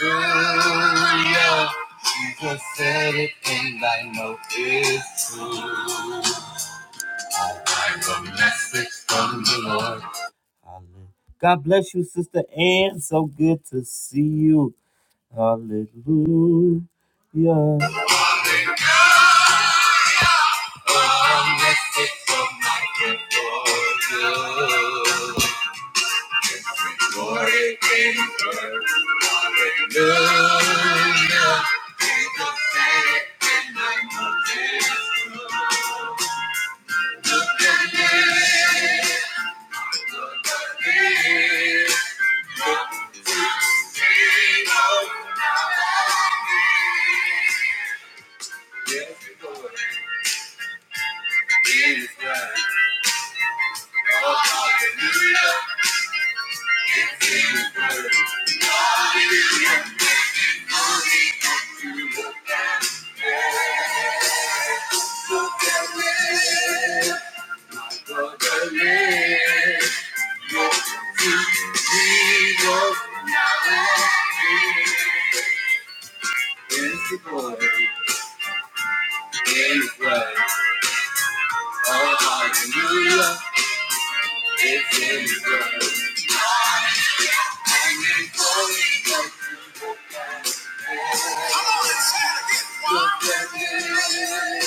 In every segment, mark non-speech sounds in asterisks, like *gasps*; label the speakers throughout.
Speaker 1: Hallelujah. Jesus said it and I know it's true. I have a message from the Lord. Hallelujah. God bless you, Sister Ann. So good to see you. Hallelujah. A message from my God for you. Glory in Hallelujah. Jesus said it and I know it's true. Come on and say it again.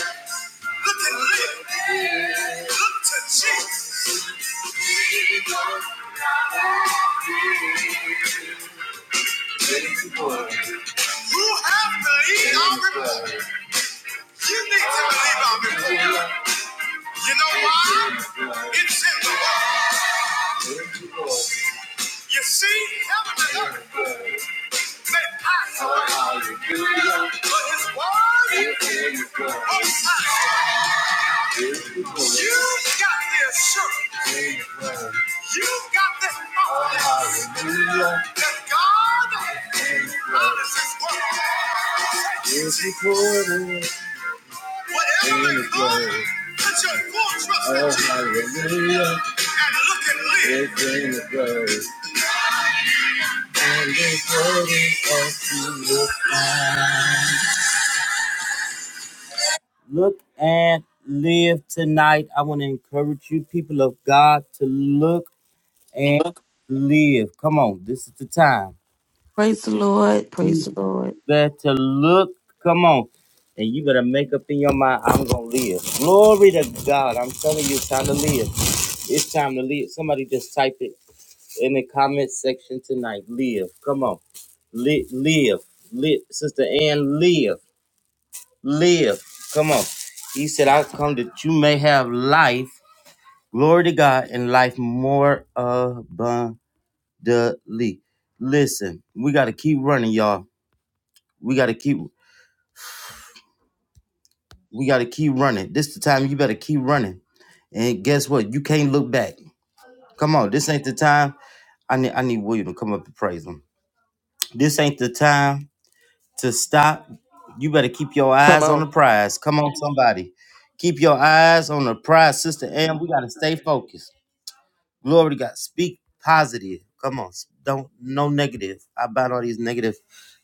Speaker 1: Look at Lee. Look to Jesus. Who have to eat our reward? You need to believe our reward. You know why? It's in the word. You see, heaven and earth may pass away, but His word won't pass away. you got the assurance. you got the knowledge that God honors His word. Whatever may come, put your full trust in Oh, Jesus. And look and live. Look and live tonight. I want to encourage you, people of God, to look. and
Speaker 2: Praise
Speaker 1: live. Come on, this is the time.
Speaker 2: the Lord. Praise
Speaker 1: You
Speaker 2: the Lord.
Speaker 1: better look. Come on. And you better make up in your mind, I'm going to live. Glory to God. I'm telling you, it's time to live. It's time to live. Somebody just type it in the comment section tonight. Live. Come on. Li- live. Live. Sister Ann, live. Live. Come on. He said, I come that you may have life. Glory to God and life more abundant. Lee. Listen, we gotta keep running, y'all. We gotta keep we gotta keep running. This the time you better keep running. And guess what? You can't look back. Come on, this ain't the time. I need I need William to come up and praise him. This ain't the time to stop. You better keep your
Speaker 3: Come
Speaker 1: eyes on
Speaker 3: on.
Speaker 1: the prize. Come on, somebody. Keep your eyes on the prize, sister. And we gotta stay focused. Glory to God. Speak positive. Come on. Don't no negative. I bind all these negative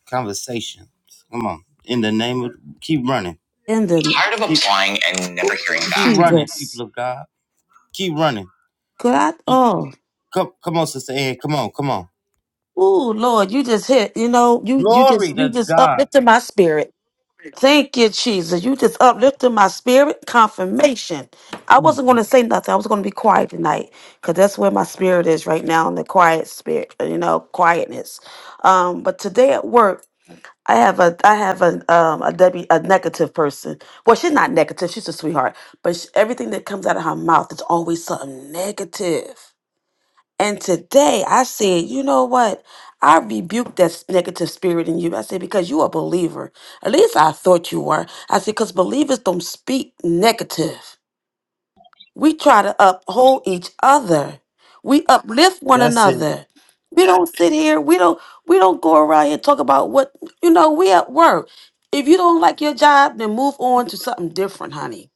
Speaker 1: conversations. Come on. In the name of keep running.
Speaker 2: And then,
Speaker 1: Tired of Keep- applying and never hearing
Speaker 2: ooh,
Speaker 1: back. Keep running, people
Speaker 2: Jesus,
Speaker 1: of God. Keep running.
Speaker 2: God,
Speaker 1: Keep-
Speaker 2: oh,
Speaker 1: come, come on, sister Ann. Come on, come on.
Speaker 2: ooh, Lord, you just hit. You know, you you just
Speaker 1: Glory
Speaker 2: you
Speaker 1: to
Speaker 2: just
Speaker 1: God.
Speaker 2: uplifted my spirit. Thank you, Jesus. You just uplifted my spirit. Confirmation. I wasn't going to say nothing. I was going to be quiet tonight because that's where my spirit is right now in the quiet spirit. You know, quietness. Um, but today at work. I have a I have a um a W a negative person. Well, she's not negative. She's a sweetheart. But sh everything that comes out of her mouth is always something negative. And today I said, you know what? I rebuked that s- negative spirit in you. I said because you a believer. At least I thought you were. I said because believers don't speak negative. We try to uphold each other. We uplift one
Speaker 1: That's it.
Speaker 2: another. We don't sit here. We don't. We don't go around here and talk about what you know. We at work. If you don't like your job, then move on to something different, honey.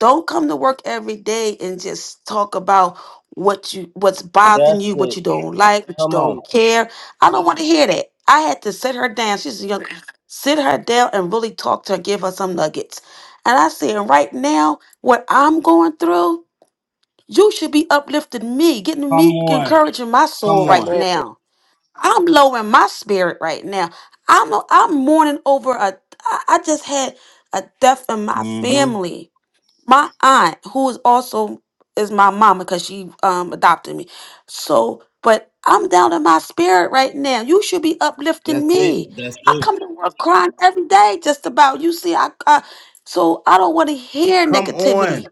Speaker 2: Don't come to work every day and just talk about what you what's
Speaker 1: That's
Speaker 2: bothering you, what
Speaker 1: it.
Speaker 2: you don't like, what you
Speaker 1: Come on.
Speaker 2: don't care. I don't want to hear that. I had to sit her down. She's a young. Sit her down and really talk to her, give her some nuggets. And I said, right now, what I'm going through. You should be uplifting me, getting
Speaker 1: Come
Speaker 2: me,
Speaker 1: on.
Speaker 2: encouraging my
Speaker 1: Come
Speaker 2: soul right
Speaker 3: Come
Speaker 1: on.
Speaker 3: on.
Speaker 2: now. I'm low in my spirit right now. I'm I'm mourning over a. I I just had a death in my
Speaker 1: Mm-hmm.
Speaker 2: family. My aunt, who is also is my mama, because she um adopted me. So, but I'm down in my spirit right now. You should be uplifting
Speaker 1: That's it.
Speaker 2: me.
Speaker 1: That's
Speaker 2: I
Speaker 1: it.
Speaker 2: come to work crying every day, just about. You see, I, I so I don't want to hear
Speaker 1: Come
Speaker 2: negativity
Speaker 1: on.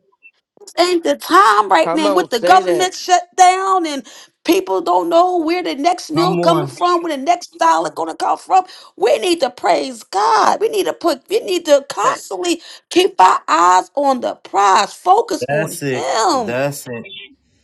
Speaker 2: ain't the time right
Speaker 3: Come
Speaker 2: now with
Speaker 3: on.
Speaker 2: the
Speaker 3: Say that.
Speaker 2: government shut down and people don't know where the next meal
Speaker 1: Come
Speaker 2: coming
Speaker 1: on.
Speaker 2: from, where the next dollar gonna come from. We need to praise God. We need to put we need to
Speaker 3: That
Speaker 2: constantly keep our eyes on the prize, focus on
Speaker 1: That's it.
Speaker 2: him.
Speaker 1: That's it.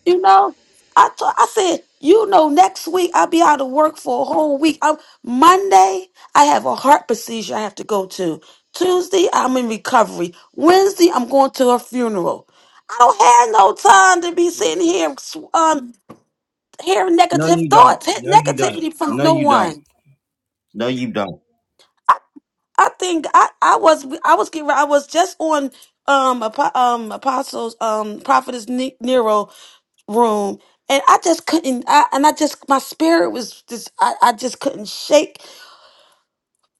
Speaker 2: You know, I thought I said, you know, next week I'll be out of work for a whole week. I'm, Monday, I have a heart procedure I have to go to. Tuesday, I'm in recovery. Wednesday, I'm going to a funeral. I don't have no time to be sitting here
Speaker 3: Jesus.
Speaker 2: um hearing
Speaker 1: No,
Speaker 2: negative
Speaker 1: you don't.
Speaker 2: thoughts, hit
Speaker 1: No, you don't.
Speaker 2: negativity from
Speaker 1: No,
Speaker 2: no
Speaker 1: you don't.
Speaker 2: one.
Speaker 1: No, you don't.
Speaker 2: I, I think I, I was I was getting I was just on um apo- um apostles um prophetess Ne- Nero room and i just couldn't I, and i just my spirit was just I, I just couldn't shake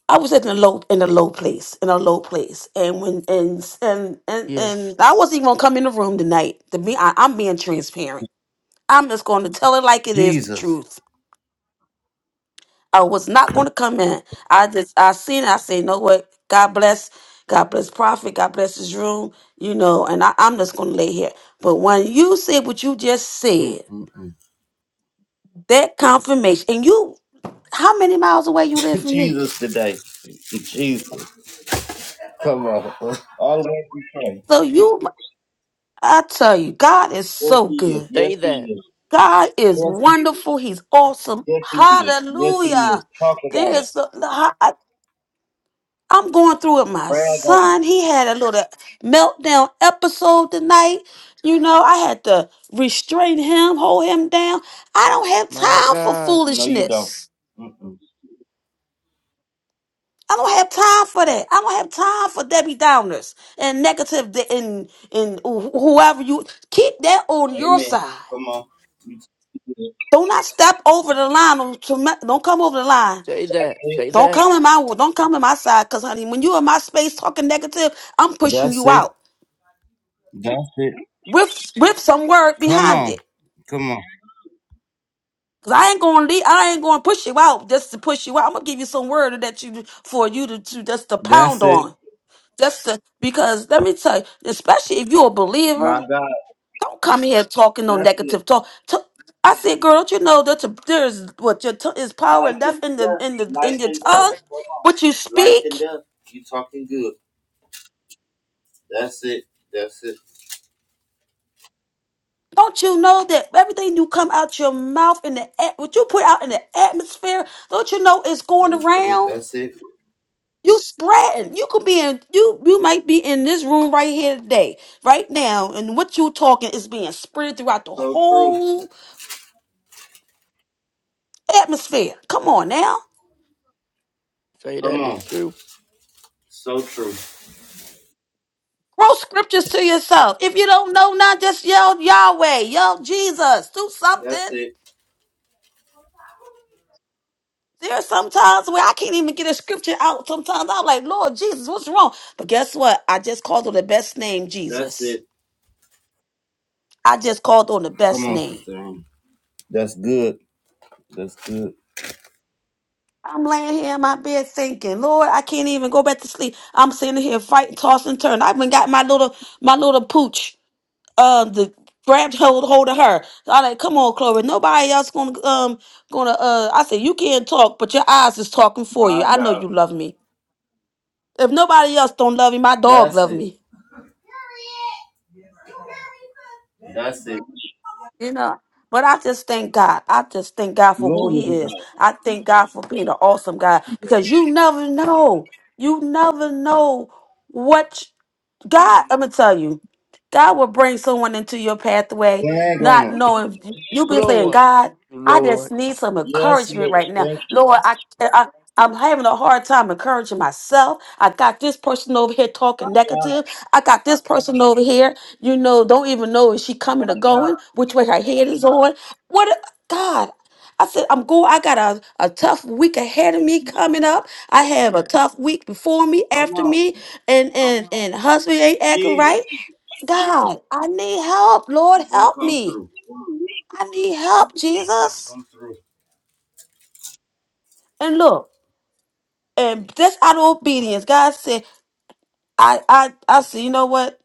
Speaker 2: i was in a low in a low place in a low place and when and and and,
Speaker 3: Yes.
Speaker 2: and i wasn't even gonna come in the room tonight to be I, i'm being transparent i'm just gonna tell it like it is the
Speaker 1: Jesus.
Speaker 2: truth i was not gonna come in i just i seen it i say you know what god bless god bless prophet god bless his room you know and I, i'm just gonna lay here but when you said what you just said
Speaker 1: Mm-mm-mm.
Speaker 2: that confirmation and you How many miles away you
Speaker 1: *laughs*
Speaker 2: live from me?
Speaker 1: Jesus today. Jesus. Come on. *laughs* All that we pray.
Speaker 2: So
Speaker 1: *laughs*
Speaker 2: you, I tell you, God is
Speaker 1: Yes,
Speaker 2: so
Speaker 1: he is.
Speaker 2: good.
Speaker 1: Yes,
Speaker 3: Say
Speaker 1: he
Speaker 3: that.
Speaker 1: is.
Speaker 2: God is
Speaker 1: Yes, he is.
Speaker 2: wonderful. He's awesome.
Speaker 1: Yes, he is. Yes, he is.
Speaker 2: Hallelujah.
Speaker 1: Talk
Speaker 2: There
Speaker 1: about it.
Speaker 2: is, the- the- I- I'm going through with my
Speaker 1: Brag on him.
Speaker 2: son. He had a little meltdown episode tonight. You know, I had to restrain him, hold him down. I don't have
Speaker 3: My
Speaker 2: time for
Speaker 3: God.
Speaker 1: No, you don't.
Speaker 2: foolishness.
Speaker 1: Mm-mm.
Speaker 2: I don't have time for that. I don't have time for Debbie Downers and negative de- and and wh- whoever you keep that on your
Speaker 1: Amen.
Speaker 2: side.
Speaker 1: Come on.
Speaker 2: Do not step over the line. on to my- Don't come over the line.
Speaker 3: Say that. Say
Speaker 2: Don't
Speaker 3: that.
Speaker 2: come in my don't come in my side, cause honey, when you in my space talking negative, I'm pushing
Speaker 1: That's
Speaker 2: you
Speaker 1: it.
Speaker 2: out
Speaker 1: That's it.
Speaker 2: with with some word
Speaker 1: Come
Speaker 2: behind
Speaker 1: on.
Speaker 2: it.
Speaker 1: Come on.
Speaker 2: Cause I ain't gonna leave, I ain't gonna push you out just to push you out. I'm gonna give you some word that you for you to, to just to
Speaker 1: That's
Speaker 2: pound
Speaker 1: it.
Speaker 2: on. Just to, because let me tell you, especially if you're a
Speaker 1: My
Speaker 2: believer.
Speaker 1: God.
Speaker 2: Don't come here talking no
Speaker 1: That's it.
Speaker 2: negative talk. T- I said, girl, don't you know that the- there's what your tongue is
Speaker 1: Life
Speaker 2: power and death
Speaker 1: and
Speaker 2: in the
Speaker 1: death.
Speaker 2: in the in
Speaker 1: Life
Speaker 2: your
Speaker 1: and
Speaker 2: tongue,
Speaker 1: death. Come on.
Speaker 2: what you
Speaker 1: Life and
Speaker 2: speak.
Speaker 1: death. You talking good. That's it. That's it.
Speaker 2: Don't you know that everything you come out your mouth in the at- what you put out in the atmosphere? Don't you know it's
Speaker 1: You
Speaker 2: going
Speaker 1: was coming.
Speaker 2: around?
Speaker 1: That's it.
Speaker 2: You spreading. You could be in you. You might be in this room right here today, right now, and what you talking is being spread throughout the
Speaker 1: So true.
Speaker 2: whole atmosphere. Come on now.
Speaker 3: Say
Speaker 1: Come
Speaker 3: that.
Speaker 1: on.
Speaker 3: It's true.
Speaker 1: So true.
Speaker 2: Quote scriptures to yourself. If you don't know none, just yell Yahweh, yell Jesus, do
Speaker 1: That's
Speaker 2: something.
Speaker 1: it.
Speaker 2: There are some times where I can't even get a scripture out. Sometimes I'm like, Lord Jesus, what's wrong? But guess what? I just called on the best name,
Speaker 1: That's
Speaker 2: Jesus.
Speaker 1: it.
Speaker 2: I just called on the
Speaker 1: Come
Speaker 2: best
Speaker 1: on,
Speaker 2: name.
Speaker 1: sister. That's good. That's good.
Speaker 2: I'm laying here in my bed thinking, Lord, I can't even go back to sleep. I'm sitting here fighting, tossing, turning. I even got my little, my little pooch. um the grabbed hold hold of her. So I like, come on, Chloe. Nobody else gonna um gonna uh I said, you can't talk, but your eyes is talking for you.
Speaker 1: My
Speaker 2: I know
Speaker 1: God.
Speaker 2: you love me. If nobody else don't love me, my dog
Speaker 1: That's
Speaker 2: love
Speaker 1: it.
Speaker 2: me.
Speaker 1: That's it.
Speaker 2: You know? But I just thank God. I just thank God for who
Speaker 1: Glory
Speaker 2: he
Speaker 1: to
Speaker 2: is.
Speaker 1: God.
Speaker 2: I thank God for being an awesome God because you never know. You never know what God, I'm gonna tell you, God will bring someone into your pathway,
Speaker 1: Flag on
Speaker 2: not
Speaker 1: it.
Speaker 2: knowing you've been saying,
Speaker 3: Lord.
Speaker 2: God, I just
Speaker 3: Lord.
Speaker 2: need some
Speaker 1: Yes,
Speaker 2: encouragement
Speaker 1: Lord.
Speaker 2: right now.
Speaker 1: Thank you.
Speaker 2: Lord, I, I I'm having a hard time encouraging myself. I got this person over here talking negative. I got this person over here, you know, don't even know is she coming or going, which way her head is on. What God? I said, I'm going, I got a, a tough week ahead of me coming up. I have a tough week before me, after me, and and and husband ain't acting right.
Speaker 1: Jesus.
Speaker 2: God, I need help. Lord,
Speaker 1: He's gonna
Speaker 2: help
Speaker 1: come
Speaker 2: me.
Speaker 1: through.
Speaker 2: I need help,
Speaker 1: He's gonna
Speaker 2: Jesus.
Speaker 1: come through.
Speaker 2: And look, and that's out of obedience, God said, I I I said, you know what?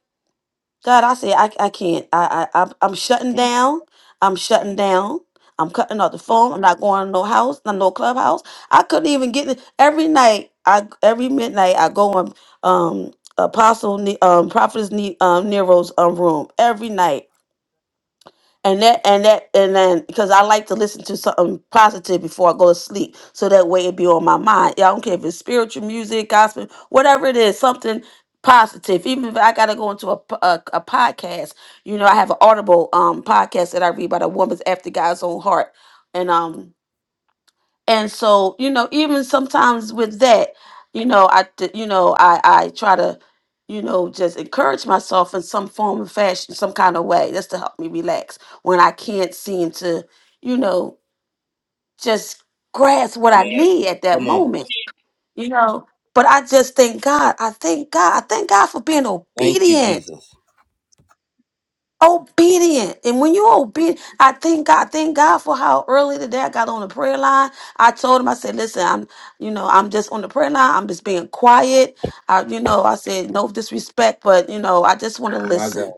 Speaker 2: God, I say I, I can't. I, I I'm I'm shutting down. I'm shutting down. I'm cutting off the phone. I'm not going to no house, no no clubhouse. I couldn't even get in. every night. I every midnight I go in um Apostle Ne- um Prophetess Ne- um, Nero's um room every night. And that and that and then because I like to listen to something positive before I go to sleep, so that way it be on my mind. Yeah, I don't care if it's spiritual music, gospel, whatever it is, something positive. Even if I gotta go into a p- a, a podcast, you know, I have an Audible um podcast that I read by the woman's after God's own heart, and um and so you know even sometimes with that you know i d- you know i i try to you know just encourage myself in some form of fashion some kind of way just to help me relax when i can't seem to you know just grasp what i need at that
Speaker 1: Come on.
Speaker 2: moment you know but i just thank god i thank god i thank god for being
Speaker 1: Thank you,
Speaker 2: obedient
Speaker 1: Jesus.
Speaker 2: obedient. And when you're obedient, I thank God, thank God for how early today I got on the prayer line. I told him, I said, listen, I'm, you know, I'm just on the prayer line. I'm just being quiet. I, you know, I said, no disrespect, but you know, I just want to
Speaker 1: My God.
Speaker 2: listen.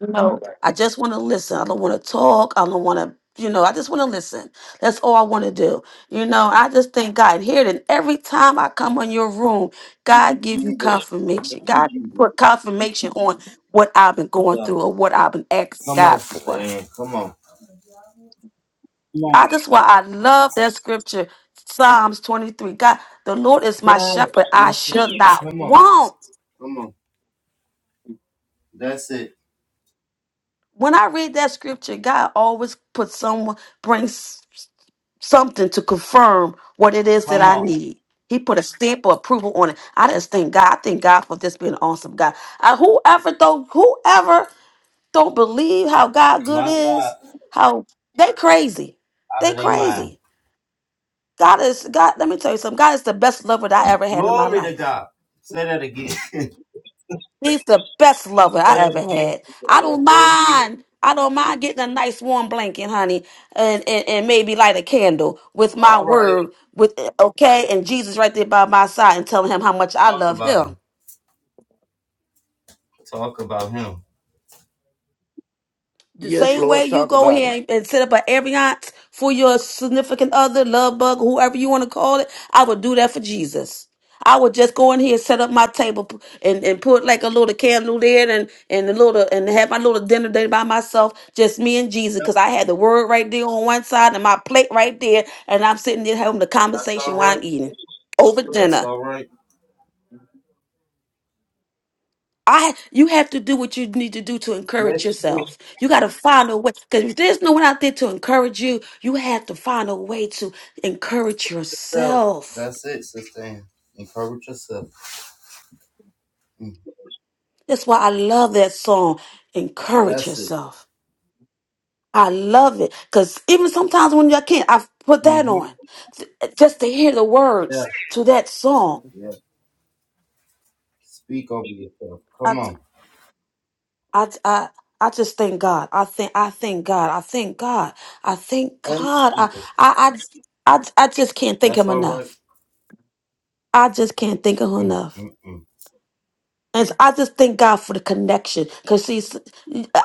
Speaker 2: No, I just want to listen. I don't want to talk. I don't want to, you know, I just want to listen. That's all I want to do. You know, I just thank God here. And every time I come on your room, God give you confirmation. God put confirmation on what I've been going
Speaker 1: Yeah.
Speaker 2: through or what I've been asking
Speaker 1: Come
Speaker 2: God
Speaker 1: on, Sister
Speaker 2: for.
Speaker 1: Ann. Come on. Come
Speaker 2: I
Speaker 1: on.
Speaker 2: just why I love that scripture, Psalms 23. God, the Lord is my
Speaker 1: Yes,
Speaker 2: shepherd. I
Speaker 1: that's
Speaker 2: shall
Speaker 1: it.
Speaker 2: not
Speaker 1: Come on.
Speaker 2: want.
Speaker 1: Come on. That's it.
Speaker 2: When I read that scripture, God always puts someone brings something to confirm what it is that
Speaker 1: Come
Speaker 2: I
Speaker 1: on.
Speaker 2: need. He put a stamp of approval on it. I just thank God. I thank God for this being an awesome God. I, whoever don't whoever don't believe how God good
Speaker 1: My God.
Speaker 2: is, how they crazy.
Speaker 1: Out
Speaker 2: They
Speaker 1: of their mind.
Speaker 2: crazy. God is God, let me tell you something. God is the best lover that I ever had in my
Speaker 1: Glory to
Speaker 2: life.
Speaker 1: God. Say that again. *laughs* Say
Speaker 2: He's the best lover I ever
Speaker 1: that again.
Speaker 2: had. I
Speaker 1: Yeah,
Speaker 2: don't
Speaker 1: Say it again.
Speaker 2: mind. I don't mind getting a nice warm blanket, honey, and, and, and maybe light a candle with my
Speaker 1: All right.
Speaker 2: word, with okay, and Jesus right there by my side and telling him how much I
Speaker 1: Talk
Speaker 2: love
Speaker 1: about
Speaker 2: him.
Speaker 1: him. Talk about him.
Speaker 2: The
Speaker 3: Yes,
Speaker 2: same way
Speaker 3: Lord.
Speaker 2: you
Speaker 3: Talk
Speaker 2: go
Speaker 3: about it.
Speaker 2: ahead and set up an ambiance for your significant other, love bug, whoever you want to call it, I would do that for Jesus. I would just go in here and set up my table p- and, and put like a little candle there and and a little and have my little dinner day by myself, just me and Jesus, because I had the word right there on one side and my plate right there, and I'm sitting there having the
Speaker 1: That's
Speaker 2: conversation
Speaker 1: all
Speaker 2: while I'm
Speaker 1: right.
Speaker 2: eating over
Speaker 1: That's
Speaker 2: dinner.
Speaker 1: all right.
Speaker 2: I you have to do what you need to do to
Speaker 1: Yes,
Speaker 2: encourage
Speaker 1: you do
Speaker 2: yourself. You got to find a way because if there's no one out there to encourage you, you have to find a way to encourage
Speaker 1: yourself.
Speaker 2: yourself.
Speaker 1: That's it, sister. Ann. Encourage yourself. Mm.
Speaker 2: That's why I love that song, Encourage
Speaker 1: That's it.
Speaker 2: Yourself. I love it because even sometimes when I can't, I've put that
Speaker 1: Mm-hmm.
Speaker 2: on th- just to hear the
Speaker 1: Yeah.
Speaker 2: words to that song.
Speaker 1: Yeah. Speak over yourself. Come on.
Speaker 2: I, I, I just thank God. I think I thank God. I thank God. I thank
Speaker 1: Thank
Speaker 2: God. I,
Speaker 1: you, Jesus.
Speaker 2: I, I, I, I just can't thank
Speaker 1: That's
Speaker 2: Him
Speaker 1: all right.
Speaker 2: enough. I just can't thank Him enough.
Speaker 1: Mm-mm-mm.
Speaker 2: And so I just thank God for the connection. Cause see, s-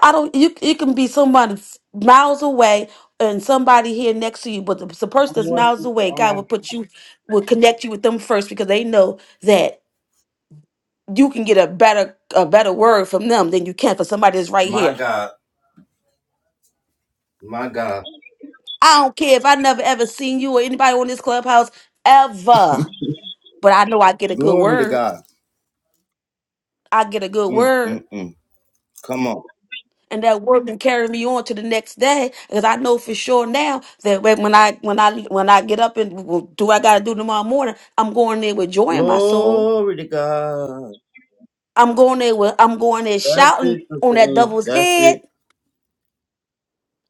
Speaker 2: I don't. You you can be somebody miles away and somebody here next to you, but the, the person that's miles away, God will put you will connect you with them first because they know that you can get a better a better word from them than you can for somebody that's right
Speaker 1: My
Speaker 2: here.
Speaker 1: God, my God.
Speaker 2: I don't care if I never ever seen you or anybody on this clubhouse ever, but I know I get a good
Speaker 1: Glory to
Speaker 2: word.
Speaker 1: God.
Speaker 2: I get a good
Speaker 1: Mm,
Speaker 2: word.
Speaker 1: mm, mm. Come on.
Speaker 2: And that word can carry me on to the next day, because I know for sure now that when when I when I when I get up and well, do what I gotta do tomorrow morning, I'm going there with joy in my soul.
Speaker 1: Glory to God.
Speaker 2: I'm going there with I'm going there
Speaker 1: That's it,
Speaker 2: shouting on
Speaker 1: Sister
Speaker 2: that
Speaker 1: Ann.
Speaker 2: devil's
Speaker 1: That's
Speaker 2: head.
Speaker 1: it.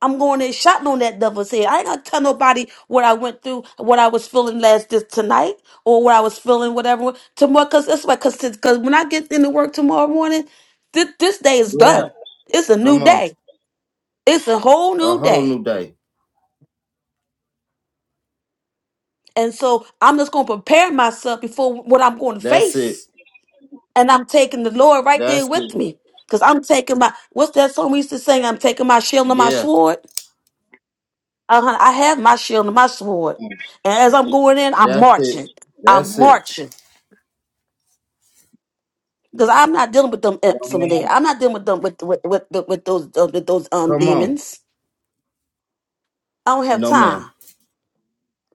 Speaker 2: I'm going in shouting on that devil's head. I ain't gonna tell nobody what I went through, what I was feeling last this tonight, or what I was feeling, whatever tomorrow. Cause that's why, cause, cause when I get into work tomorrow morning, this, this day is
Speaker 1: Yeah.
Speaker 2: done. It's a new
Speaker 1: Come on.
Speaker 2: day. It's a whole
Speaker 1: A
Speaker 2: new
Speaker 1: whole
Speaker 2: day.
Speaker 1: new day.
Speaker 2: And so I'm just gonna prepare myself before what I'm going to
Speaker 1: That's it.
Speaker 2: face. And I'm taking the Lord right there
Speaker 1: That's
Speaker 2: with
Speaker 1: it.
Speaker 2: me. Cause I'm taking my what's that song we used to sing? I'm taking my shield and my
Speaker 1: Yeah.
Speaker 2: sword. Uh-huh. I have my shield and my sword. And as I'm going in, I'm
Speaker 1: That's it.
Speaker 2: marching. I'm
Speaker 1: That's it.
Speaker 2: marching. Because I'm not dealing with them
Speaker 1: No
Speaker 2: imps over there.
Speaker 1: ma'am.
Speaker 2: I'm not dealing with them with with with, with, with those uh, with those um
Speaker 1: Come on.
Speaker 2: demons. I don't have
Speaker 1: No ma'am.
Speaker 2: time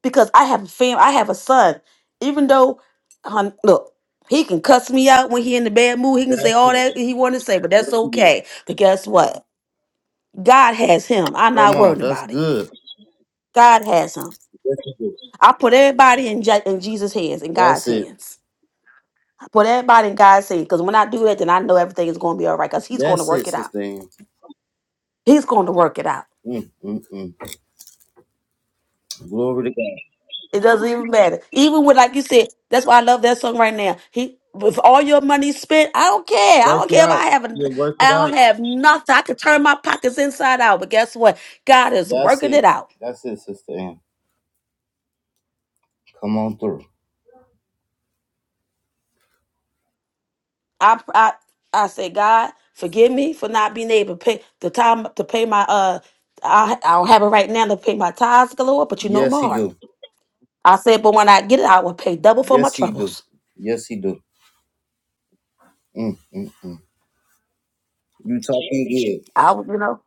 Speaker 2: because I have a fam. I have a son. Even though, um, look, he can cuss me out when he in the bad mood. He can say
Speaker 1: That's
Speaker 2: all
Speaker 1: it.
Speaker 2: that he want to say, but that's
Speaker 1: Yes, it is.
Speaker 2: okay. But guess what? God has him. I'm
Speaker 1: Come
Speaker 2: not
Speaker 1: on.
Speaker 2: worried
Speaker 1: That's
Speaker 2: about it.
Speaker 1: good.
Speaker 2: God has him.
Speaker 1: Yes, it is.
Speaker 2: I put everybody in, Je- in Jesus' hands, in God's
Speaker 1: That's it.
Speaker 2: hands. Put everybody in God's seat. Because when I do that, then I know everything is going to be all right. Because He's going to
Speaker 1: That's
Speaker 2: work
Speaker 1: it,
Speaker 2: it out.
Speaker 1: Sister Ann.
Speaker 2: He's going to work it out.
Speaker 1: Mm, mm, mm. Glory to God.
Speaker 2: It doesn't even matter. Even with, like you said, that's why I love that song right now. He, with all your money spent, I don't care. I
Speaker 1: Work
Speaker 2: don't
Speaker 1: it
Speaker 2: care if
Speaker 1: out.
Speaker 2: I have, a,
Speaker 1: You'll work
Speaker 2: I
Speaker 1: it
Speaker 2: don't
Speaker 1: out.
Speaker 2: have nothing. I could turn my pockets inside out. But guess what? God is
Speaker 1: That's
Speaker 2: working it
Speaker 1: it.
Speaker 2: out.
Speaker 1: That's it, Sister Ann. Come on through.
Speaker 2: I, I, I say, God, forgive me for not being able to pay the time to pay my uh. I I don't have it right now to pay my tithes, galore, but you know
Speaker 1: Yes, he
Speaker 2: more.
Speaker 1: do.
Speaker 2: I said, but when I get it, I will pay double for my
Speaker 1: Yes, he do.
Speaker 2: troubles.
Speaker 1: Yes, he do. Mm, mm, mm. You talking good.
Speaker 2: I, would, you know,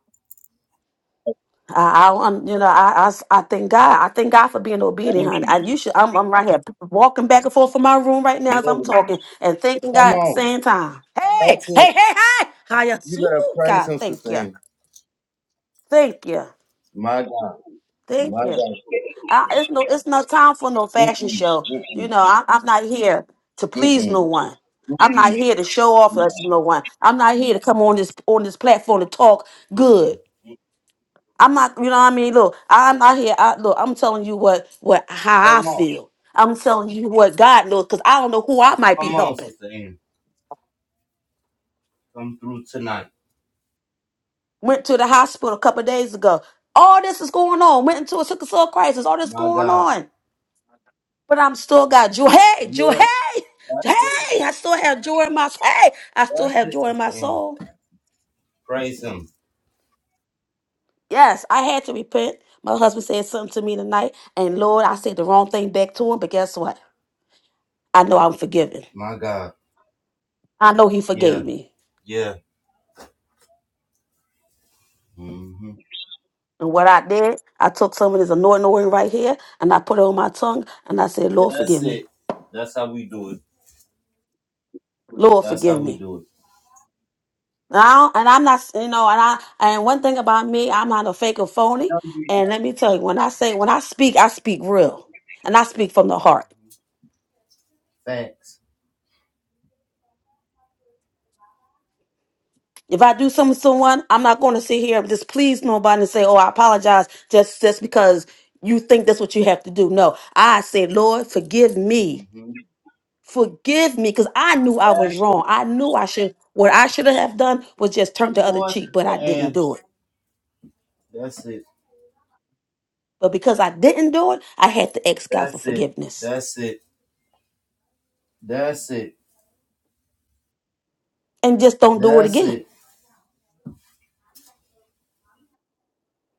Speaker 2: I, I, um, you know, I, I s- I thank God. I thank God for being obedient,
Speaker 1: Thank
Speaker 2: honey. And
Speaker 1: you.
Speaker 2: you should. I'm, I'm right here walking back and forth from my room right now as
Speaker 1: More
Speaker 2: I'm
Speaker 1: than that.
Speaker 2: talking and thanking
Speaker 1: Come
Speaker 2: God at the
Speaker 1: on.
Speaker 2: same time. Hey,
Speaker 1: That's it.
Speaker 2: hey, hey, hey! How you?
Speaker 1: You better
Speaker 2: Ooh,
Speaker 1: praise
Speaker 2: God,
Speaker 1: him,
Speaker 2: thank
Speaker 1: Sister
Speaker 2: you,
Speaker 1: Ann.
Speaker 2: thank you,
Speaker 1: My God.
Speaker 2: thank
Speaker 1: My
Speaker 2: you.
Speaker 1: God.
Speaker 2: I, it's no, it's no time for no fashion
Speaker 1: Mm-mm,
Speaker 2: show. You
Speaker 1: mm-mm,
Speaker 2: know, I, I'm not here to please
Speaker 1: mm-mm,
Speaker 2: no one. I'm not
Speaker 1: mm-mm,
Speaker 2: here to show off
Speaker 1: no,
Speaker 2: us no one. I'm not here to come on this on this platform to talk good.
Speaker 1: mm-mm.
Speaker 2: I'm not, you know what I mean? Look, I'm not here. I look, I'm telling you what what
Speaker 1: Come
Speaker 2: how I
Speaker 1: on.
Speaker 2: feel. I'm telling you what God knows, because I don't know who I might be
Speaker 1: Come on,
Speaker 2: helping.
Speaker 1: Sister Ann. Come through tonight.
Speaker 2: Went to the hospital a couple of days ago. All this is going on. Went into a sickle cell crisis. All this
Speaker 1: My
Speaker 2: going
Speaker 1: God.
Speaker 2: on. But I'm still got joy. Hey, joy.
Speaker 1: Yeah.
Speaker 2: Hey,
Speaker 1: That's it.
Speaker 2: hey. I still have joy in my hey. I still have
Speaker 1: That's it,
Speaker 2: joy in my
Speaker 1: Sister Ann.
Speaker 2: soul.
Speaker 1: Praise him.
Speaker 2: Yes, I had to repent. My husband said something to me tonight, and Lord, I said the wrong thing back to him. But guess what? I know I'm forgiven.
Speaker 1: My God.
Speaker 2: I know he forgave
Speaker 1: Yeah.
Speaker 2: me.
Speaker 1: Yeah. hmm
Speaker 2: And what I did, I took some of this anointing oil right here and I put it on my tongue and I said, Lord, forgive
Speaker 1: That's
Speaker 2: me.
Speaker 1: it. That's how we do it.
Speaker 2: Lord,
Speaker 1: That's how
Speaker 2: forgive
Speaker 1: we
Speaker 2: me.
Speaker 1: do it.
Speaker 2: Now, and I'm not, you know, and I, and one thing about me, I'm not a fake or phony. And let me tell you, when I say, when I speak, I speak real and I speak from the heart.
Speaker 1: Facts.
Speaker 2: If I do something to someone, I'm not going to sit here and displease nobody and say, oh, I apologize just, just because you think that's what you have to do. No, I say, Lord, forgive me
Speaker 1: Mm-hmm.
Speaker 2: forgive me because I knew I was
Speaker 1: That's
Speaker 2: wrong. I knew I should, what I should have done was just turn
Speaker 1: Come
Speaker 2: the other
Speaker 1: on,
Speaker 2: cheek, but I
Speaker 1: Sister
Speaker 2: didn't
Speaker 1: Ann.
Speaker 2: do it.
Speaker 1: That's it.
Speaker 2: But because I didn't do it, I had to ask God for
Speaker 1: That's it.
Speaker 2: forgiveness
Speaker 1: That's it. That's it.
Speaker 2: and just don't do it
Speaker 1: That's
Speaker 2: again.
Speaker 1: it.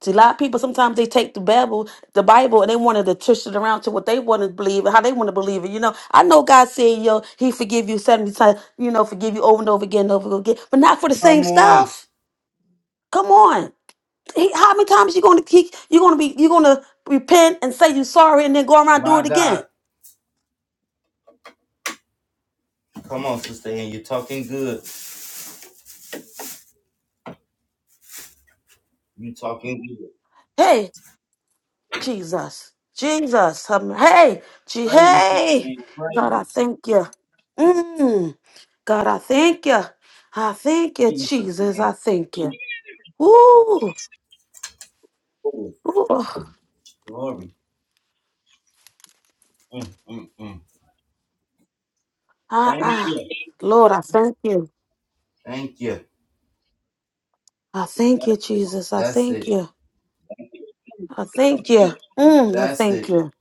Speaker 2: See, a lot of people sometimes they take the Bible, the Bible, and they wanted to twist it around to what they want to believe and how they want to believe it. You know, I know God said, "Yo, He forgive you seventy times. You know, forgive you over and over again, and over again, but not for the same
Speaker 1: Come on.
Speaker 2: stuff. Come on, He, how many times you gonna keep you gonna be you gonna repent and say you sorry and then go around and do
Speaker 1: My
Speaker 2: it
Speaker 1: God.
Speaker 2: again?
Speaker 1: Come on, Sister Ann. You're talking good. you talking good.
Speaker 2: Hey, Jesus, Jesus, um, hey, gee,
Speaker 1: Praise him, Sister
Speaker 2: hey,
Speaker 1: Ann. Praise
Speaker 2: God, I
Speaker 1: him.
Speaker 2: thank you. Mm, God, I thank you. I thank you,
Speaker 1: Praise him, Sister
Speaker 2: Jesus.
Speaker 1: Ann.
Speaker 2: I thank you. Ooh,
Speaker 1: Glory.
Speaker 2: ooh,
Speaker 1: Glory. Mm, mm, mm.
Speaker 2: ah,
Speaker 1: Thank
Speaker 2: ah.
Speaker 1: you.
Speaker 2: Lord, I thank you.
Speaker 1: Thank you.
Speaker 2: I thank you, Jesus. I
Speaker 1: That's it.
Speaker 2: thank you. I thank you. Mm, I
Speaker 1: That's
Speaker 2: thank
Speaker 1: it.
Speaker 2: you.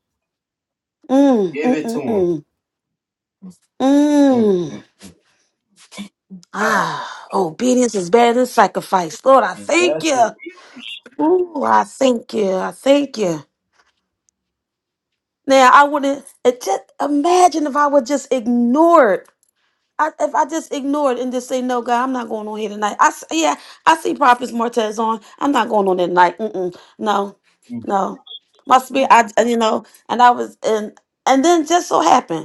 Speaker 2: Mm,
Speaker 1: Give
Speaker 2: mm,
Speaker 1: it to
Speaker 2: mm,
Speaker 1: him.
Speaker 2: mm.
Speaker 1: Mm,
Speaker 2: Mm.
Speaker 1: mm, mm.
Speaker 2: Ah, obedience is better than sacrifice. Lord, I thank
Speaker 1: That's it.
Speaker 2: you. Ooh, I thank you. I thank you. Now, I wouldn't it just imagine if I would just ignore it. I, if I just ignore it and just say, no, God, I'm not going on here tonight. I s- yeah, I see Prophets Martez on. I'm not going on that night. Mm-mm. No,
Speaker 1: Mm.
Speaker 2: no. My spirit, I, and, you know, and I was, and, and then just so happened.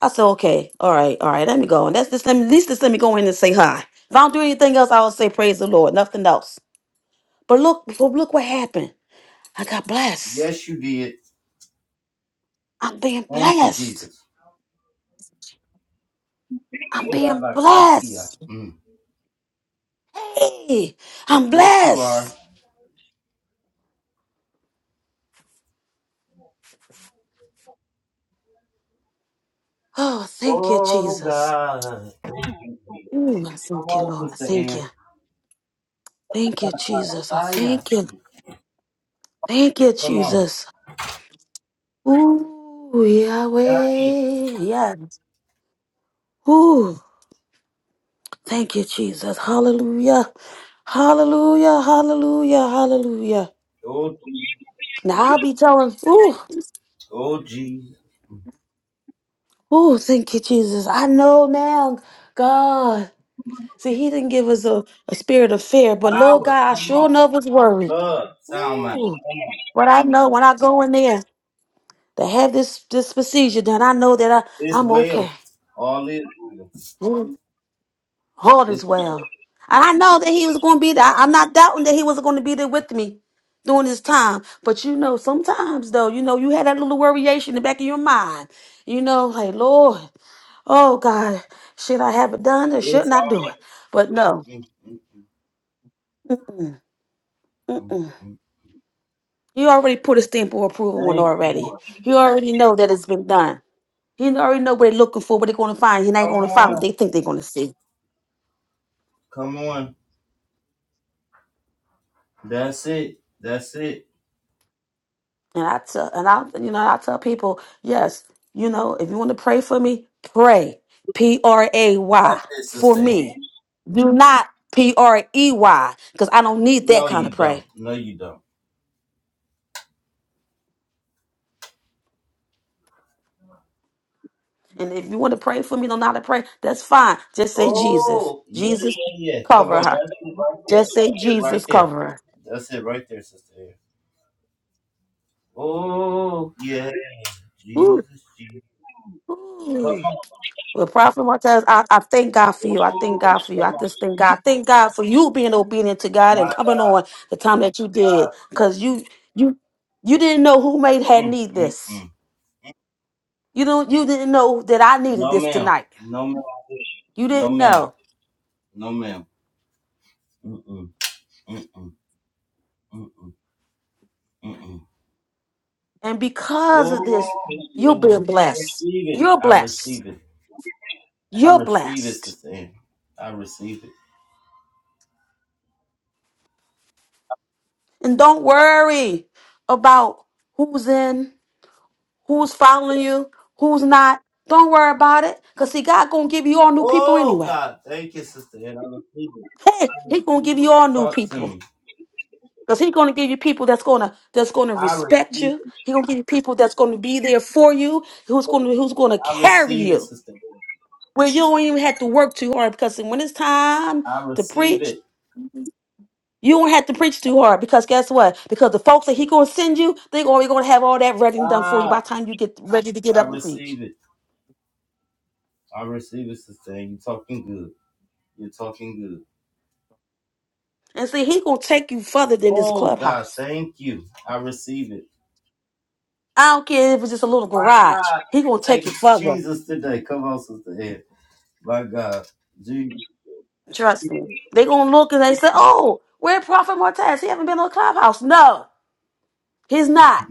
Speaker 2: I said, okay, all right, all right, let me go. And that's just let me at least just let me go in and say hi. If I don't do anything else, I will say praise the Lord, nothing else. But look, but look what happened. I got blessed.
Speaker 1: Yes, you did.
Speaker 2: I'm being
Speaker 1: Thank you,
Speaker 2: blessed.
Speaker 1: Jesus.
Speaker 2: I'm being blessed.
Speaker 1: Mm.
Speaker 2: Hey, I'm
Speaker 1: Yes, you
Speaker 2: blessed.
Speaker 1: are.
Speaker 2: Oh, thank you,
Speaker 1: Oh,
Speaker 2: Jesus.
Speaker 1: God.
Speaker 2: Ooh, I
Speaker 1: Come
Speaker 2: thank you,
Speaker 1: on,
Speaker 2: Lord. I
Speaker 1: Sister
Speaker 2: Thank
Speaker 1: Ann.
Speaker 2: you. Thank you, Jesus. I
Speaker 1: Fire.
Speaker 2: thank you. Thank you,
Speaker 1: Come on.
Speaker 2: Jesus. Ooh, Yahweh. Yeah. Thank you, Jesus. Hallelujah. Hallelujah. Hallelujah. Hallelujah.
Speaker 1: Oh,
Speaker 2: Now I'll be telling, ooh,
Speaker 1: oh, Jesus.
Speaker 2: ooh, thank you, Jesus. I know now, God. See, He didn't give us a, a spirit of fear, but Lord
Speaker 1: Power.
Speaker 2: God, I
Speaker 1: Come
Speaker 2: sure
Speaker 1: on.
Speaker 2: enough was worried.
Speaker 1: Love. Sound mind.
Speaker 2: Ooh,
Speaker 1: Come on.
Speaker 2: but I know when I go in there to have this this procedure done, I know that I,
Speaker 1: It's
Speaker 2: I'm okay.
Speaker 1: well. All is well. It's,
Speaker 2: All is well. And I know that he was going to be there. I- I'm not doubting that he was going to be there with me during this time. But you know, sometimes though, you know, you had that little worryation in the back of your mind. You know, like, Lord, oh God, should I have it done or
Speaker 1: it's
Speaker 2: shouldn't I
Speaker 1: all.
Speaker 2: do it?
Speaker 1: right.
Speaker 2: But no,
Speaker 1: Mm, mm,
Speaker 2: mm-mm, mm-mm.
Speaker 1: Mhm.
Speaker 2: He already put a stamp of approval on
Speaker 1: Thank you,
Speaker 2: already.
Speaker 1: Lord.
Speaker 2: He already know that it's been done. He already know what they're looking for, what they're going to find. He ain't
Speaker 1: Come
Speaker 2: going to find what
Speaker 1: on.
Speaker 2: they think they're going to see.
Speaker 1: Come on. That's it. That's it.
Speaker 2: And I tell and I you know I tell people, yes, you know, if you want to pray for me, pray. P R A Y
Speaker 1: That's it,
Speaker 2: for
Speaker 1: sister. Amy.
Speaker 2: me. Do not P R E Y cuz I don't need that
Speaker 1: No,
Speaker 2: kind of
Speaker 1: you
Speaker 2: pray.
Speaker 1: don't. No, you don't.
Speaker 2: And if you want to pray for me, don't know how to pray, that's fine. Just say Jesus.
Speaker 1: Oh, yeah,
Speaker 2: Jesus
Speaker 1: yeah, yeah. Come
Speaker 2: cover
Speaker 1: on.
Speaker 2: her.
Speaker 1: That's
Speaker 2: Just say
Speaker 1: it right
Speaker 2: Jesus
Speaker 1: there. That's it right there.
Speaker 2: cover
Speaker 1: That's it right there, sister. Amy. Oh, yeah.
Speaker 2: her. Ooh,
Speaker 1: Jesus, Jesus. Come
Speaker 2: ooh.
Speaker 1: on.
Speaker 2: Well, Prophet Martez, I, I thank God for you. I thank
Speaker 1: Oh,
Speaker 2: God for you. I
Speaker 1: come on.
Speaker 2: just thank God. Thank God for you being obedient to God
Speaker 1: My
Speaker 2: and coming on
Speaker 1: God.
Speaker 2: the time that you did. Cause you you you didn't know who made
Speaker 1: God.
Speaker 2: had
Speaker 1: Mm,
Speaker 2: need
Speaker 1: mm,
Speaker 2: this.
Speaker 1: mm.
Speaker 2: You don't you didn't know that I needed
Speaker 1: No,
Speaker 2: this
Speaker 1: ma'am.
Speaker 2: tonight.
Speaker 1: No, ma'am.
Speaker 2: You
Speaker 1: No,
Speaker 2: didn't
Speaker 1: ma'am.
Speaker 2: know.
Speaker 1: No, ma'am. Mm-mm. Mm-mm. Mm-mm. Mm-mm.
Speaker 2: And because
Speaker 1: Oh,
Speaker 2: of this, you're
Speaker 1: yes.
Speaker 2: being
Speaker 1: I
Speaker 2: blessed.
Speaker 1: receive it.
Speaker 2: You're
Speaker 1: I
Speaker 2: blessed.
Speaker 1: receive it. I
Speaker 2: You're
Speaker 1: receive it,
Speaker 2: blessed.
Speaker 1: Sister Ann. I receive it.
Speaker 2: And don't worry about who's in, who's following you, who's not. Don't worry about it. Cause see, God gonna give you all new people
Speaker 1: Oh,
Speaker 2: anyway.
Speaker 1: God. Thank you, Sister Ann. I receive it.
Speaker 2: Hey,
Speaker 1: I
Speaker 2: he's gonna
Speaker 1: receive
Speaker 2: give you
Speaker 1: it.
Speaker 2: all new
Speaker 1: Talk to
Speaker 2: people.
Speaker 1: me.
Speaker 2: Because he's gonna give you people that's gonna that's gonna
Speaker 1: I
Speaker 2: respect
Speaker 1: receive
Speaker 2: you. He's gonna give you people that's gonna be there for you, who's
Speaker 1: it.
Speaker 2: gonna who's gonna
Speaker 1: I
Speaker 2: carry
Speaker 1: receive it,
Speaker 2: you.
Speaker 1: Sister Ann.
Speaker 2: Where you don't even have to work too hard because when it's time
Speaker 1: I
Speaker 2: to
Speaker 1: receive
Speaker 2: preach,
Speaker 1: it.
Speaker 2: you don't have to preach too hard because guess what? Because the folks that he gonna send you, they are already gonna have all that ready and done for you by
Speaker 1: Ah,
Speaker 2: the time you get ready to get
Speaker 1: I
Speaker 2: up and preach.
Speaker 1: receive it. I receive it, Sister Ann. You're talking good. You're talking good.
Speaker 2: And see, he's gonna take you further than this
Speaker 1: Oh, God.
Speaker 2: clubhouse.
Speaker 1: Thank you. I receive it.
Speaker 2: I don't care if it's just a little
Speaker 1: My
Speaker 2: garage.
Speaker 1: God.
Speaker 2: He gonna take
Speaker 1: Take
Speaker 2: you further.
Speaker 1: Jesus today. Come on, Sister Ann. My God. Jesus.
Speaker 2: Trust me. They gonna look and they say, "Oh, where Prophet Martez? He haven't been on Clubhouse." No, he's not.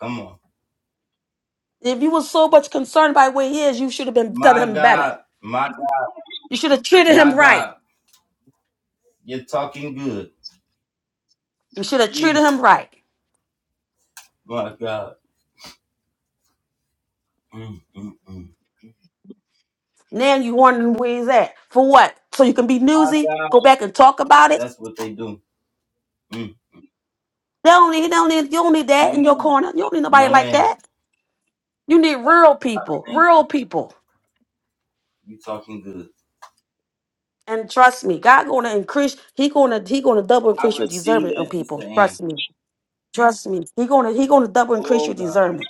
Speaker 1: Come on.
Speaker 2: If you was so much concerned by where he is, you should have been done
Speaker 1: My
Speaker 2: him better.
Speaker 1: God. My God.
Speaker 2: You should have treated him
Speaker 1: My
Speaker 2: right.
Speaker 1: God. You're talking good.
Speaker 2: You should have treated
Speaker 1: Jesus.
Speaker 2: him right.
Speaker 1: My God. Mm, mm, mm.
Speaker 2: Now you wondering where he's at for what? So you can be
Speaker 1: My
Speaker 2: newsy,
Speaker 1: God.
Speaker 2: go back and talk about it.
Speaker 1: That's what they do. Mm.
Speaker 2: They don't need, they don't need, you don't need
Speaker 1: No
Speaker 2: that in your
Speaker 1: ma'am.
Speaker 2: corner. You don't need nobody
Speaker 1: No
Speaker 2: like
Speaker 1: ma'am.
Speaker 2: that. You need real
Speaker 1: I
Speaker 2: people,
Speaker 1: thank
Speaker 2: real
Speaker 1: you.
Speaker 2: people.
Speaker 1: You talking good.
Speaker 2: And trust me, God gonna increase. He gonna he gonna double
Speaker 1: I
Speaker 2: increase your
Speaker 1: receive
Speaker 2: deserving on
Speaker 1: that, Sister
Speaker 2: people.
Speaker 1: Ann.
Speaker 2: Trust me. Trust me, he gonna he gonna double increase
Speaker 1: Oh
Speaker 2: your
Speaker 1: God.
Speaker 2: discernment.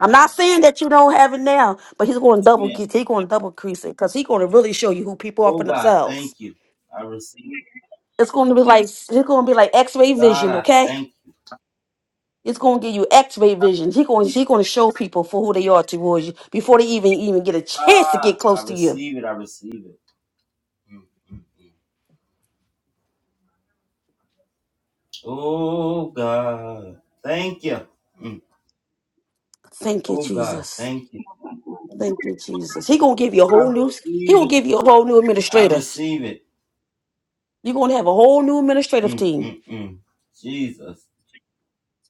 Speaker 2: I'm not saying that you don't have it now, but he's gonna double
Speaker 1: Amen.
Speaker 2: get he gonna double increase it because he's gonna really show you who people are for
Speaker 1: Oh God,
Speaker 2: themselves.
Speaker 1: thank you. I receive it.
Speaker 2: It's gonna be like it's gonna be like X-ray
Speaker 1: God,
Speaker 2: vision,
Speaker 1: I
Speaker 2: okay?
Speaker 1: thank you.
Speaker 2: It's gonna give you X-ray vision. He gonna he gonna show people for who they are towards you before they even even get a chance to get
Speaker 1: Ah, I
Speaker 2: close to you.
Speaker 1: receive it. I receive it. Oh God. Thank you. Mm.
Speaker 2: Thank you,
Speaker 1: Oh God,
Speaker 2: Jesus.
Speaker 1: thank you.
Speaker 2: Thank you, Jesus. He gonna give you a
Speaker 1: I
Speaker 2: whole new he
Speaker 1: receive
Speaker 2: gonna
Speaker 1: it.
Speaker 2: give you a whole new
Speaker 1: I
Speaker 2: administrators.
Speaker 1: receive it.
Speaker 2: You're gonna have a whole new administrative
Speaker 1: Mm,
Speaker 2: team.
Speaker 1: mm, mm. Jesus.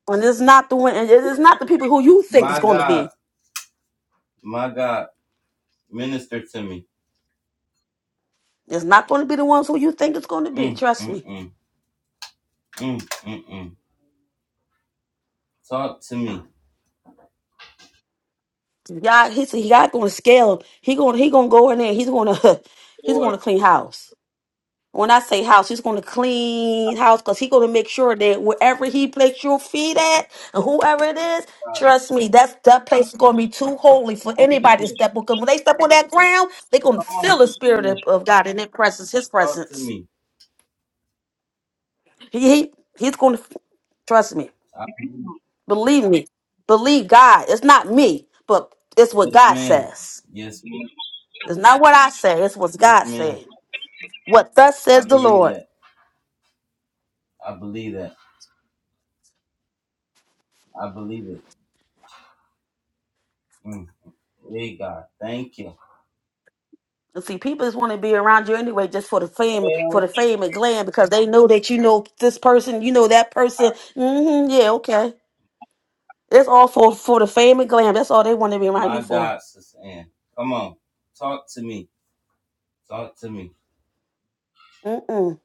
Speaker 2: And it's not the one. and It is not the people who you think it's
Speaker 1: My
Speaker 2: going to
Speaker 1: God.
Speaker 2: be.
Speaker 1: My God. Minister to me.
Speaker 2: It's not going to be the ones who you think it's going to be.
Speaker 1: Mm,
Speaker 2: Trust
Speaker 1: mm,
Speaker 2: me.
Speaker 1: mm. Mm, mm, mm. Talk to me.
Speaker 2: God, he's God going to scale. He going he going to go in there. He's going to *laughs* he's going
Speaker 1: Lord,
Speaker 2: to clean house. When I say house, he's going to clean house because he's going to make sure that wherever he placed your feet at and whoever it is,
Speaker 1: God,
Speaker 2: trust me, that's that place is going to be too holy for
Speaker 1: thank
Speaker 2: anybody to
Speaker 1: you.
Speaker 2: step on. Because when they step on that ground, they're going to
Speaker 1: Come on,
Speaker 2: feel the spirit
Speaker 1: man.
Speaker 2: of, of God in their presence, His
Speaker 1: Talk to
Speaker 2: presence.
Speaker 1: me.
Speaker 2: He, he he's going to trust me.
Speaker 1: I,
Speaker 2: Believe me. Believe God. It's not me, but it's what
Speaker 1: yes,
Speaker 2: God
Speaker 1: ma'am.
Speaker 2: says.
Speaker 1: Yes, ma'am.
Speaker 2: It's not what I say. It's what
Speaker 1: Yes,
Speaker 2: God
Speaker 1: ma'am.
Speaker 2: said. What thus
Speaker 1: I
Speaker 2: says the
Speaker 1: believe
Speaker 2: Lord.
Speaker 1: that. I believe that. I believe it. Mm. Hey, God. Thank you.
Speaker 2: And see, people just want to be around you anyway, just for the fame, for
Speaker 1: Well,
Speaker 2: the fame and glam, because they know that you know this person, you know that person. hmm yeah, okay. It's all for for the fame and glam. That's all they want to be around you
Speaker 1: My
Speaker 2: for.
Speaker 1: God, Sister Ann. Come on. Talk to me. Talk to me.
Speaker 2: Mm-mm.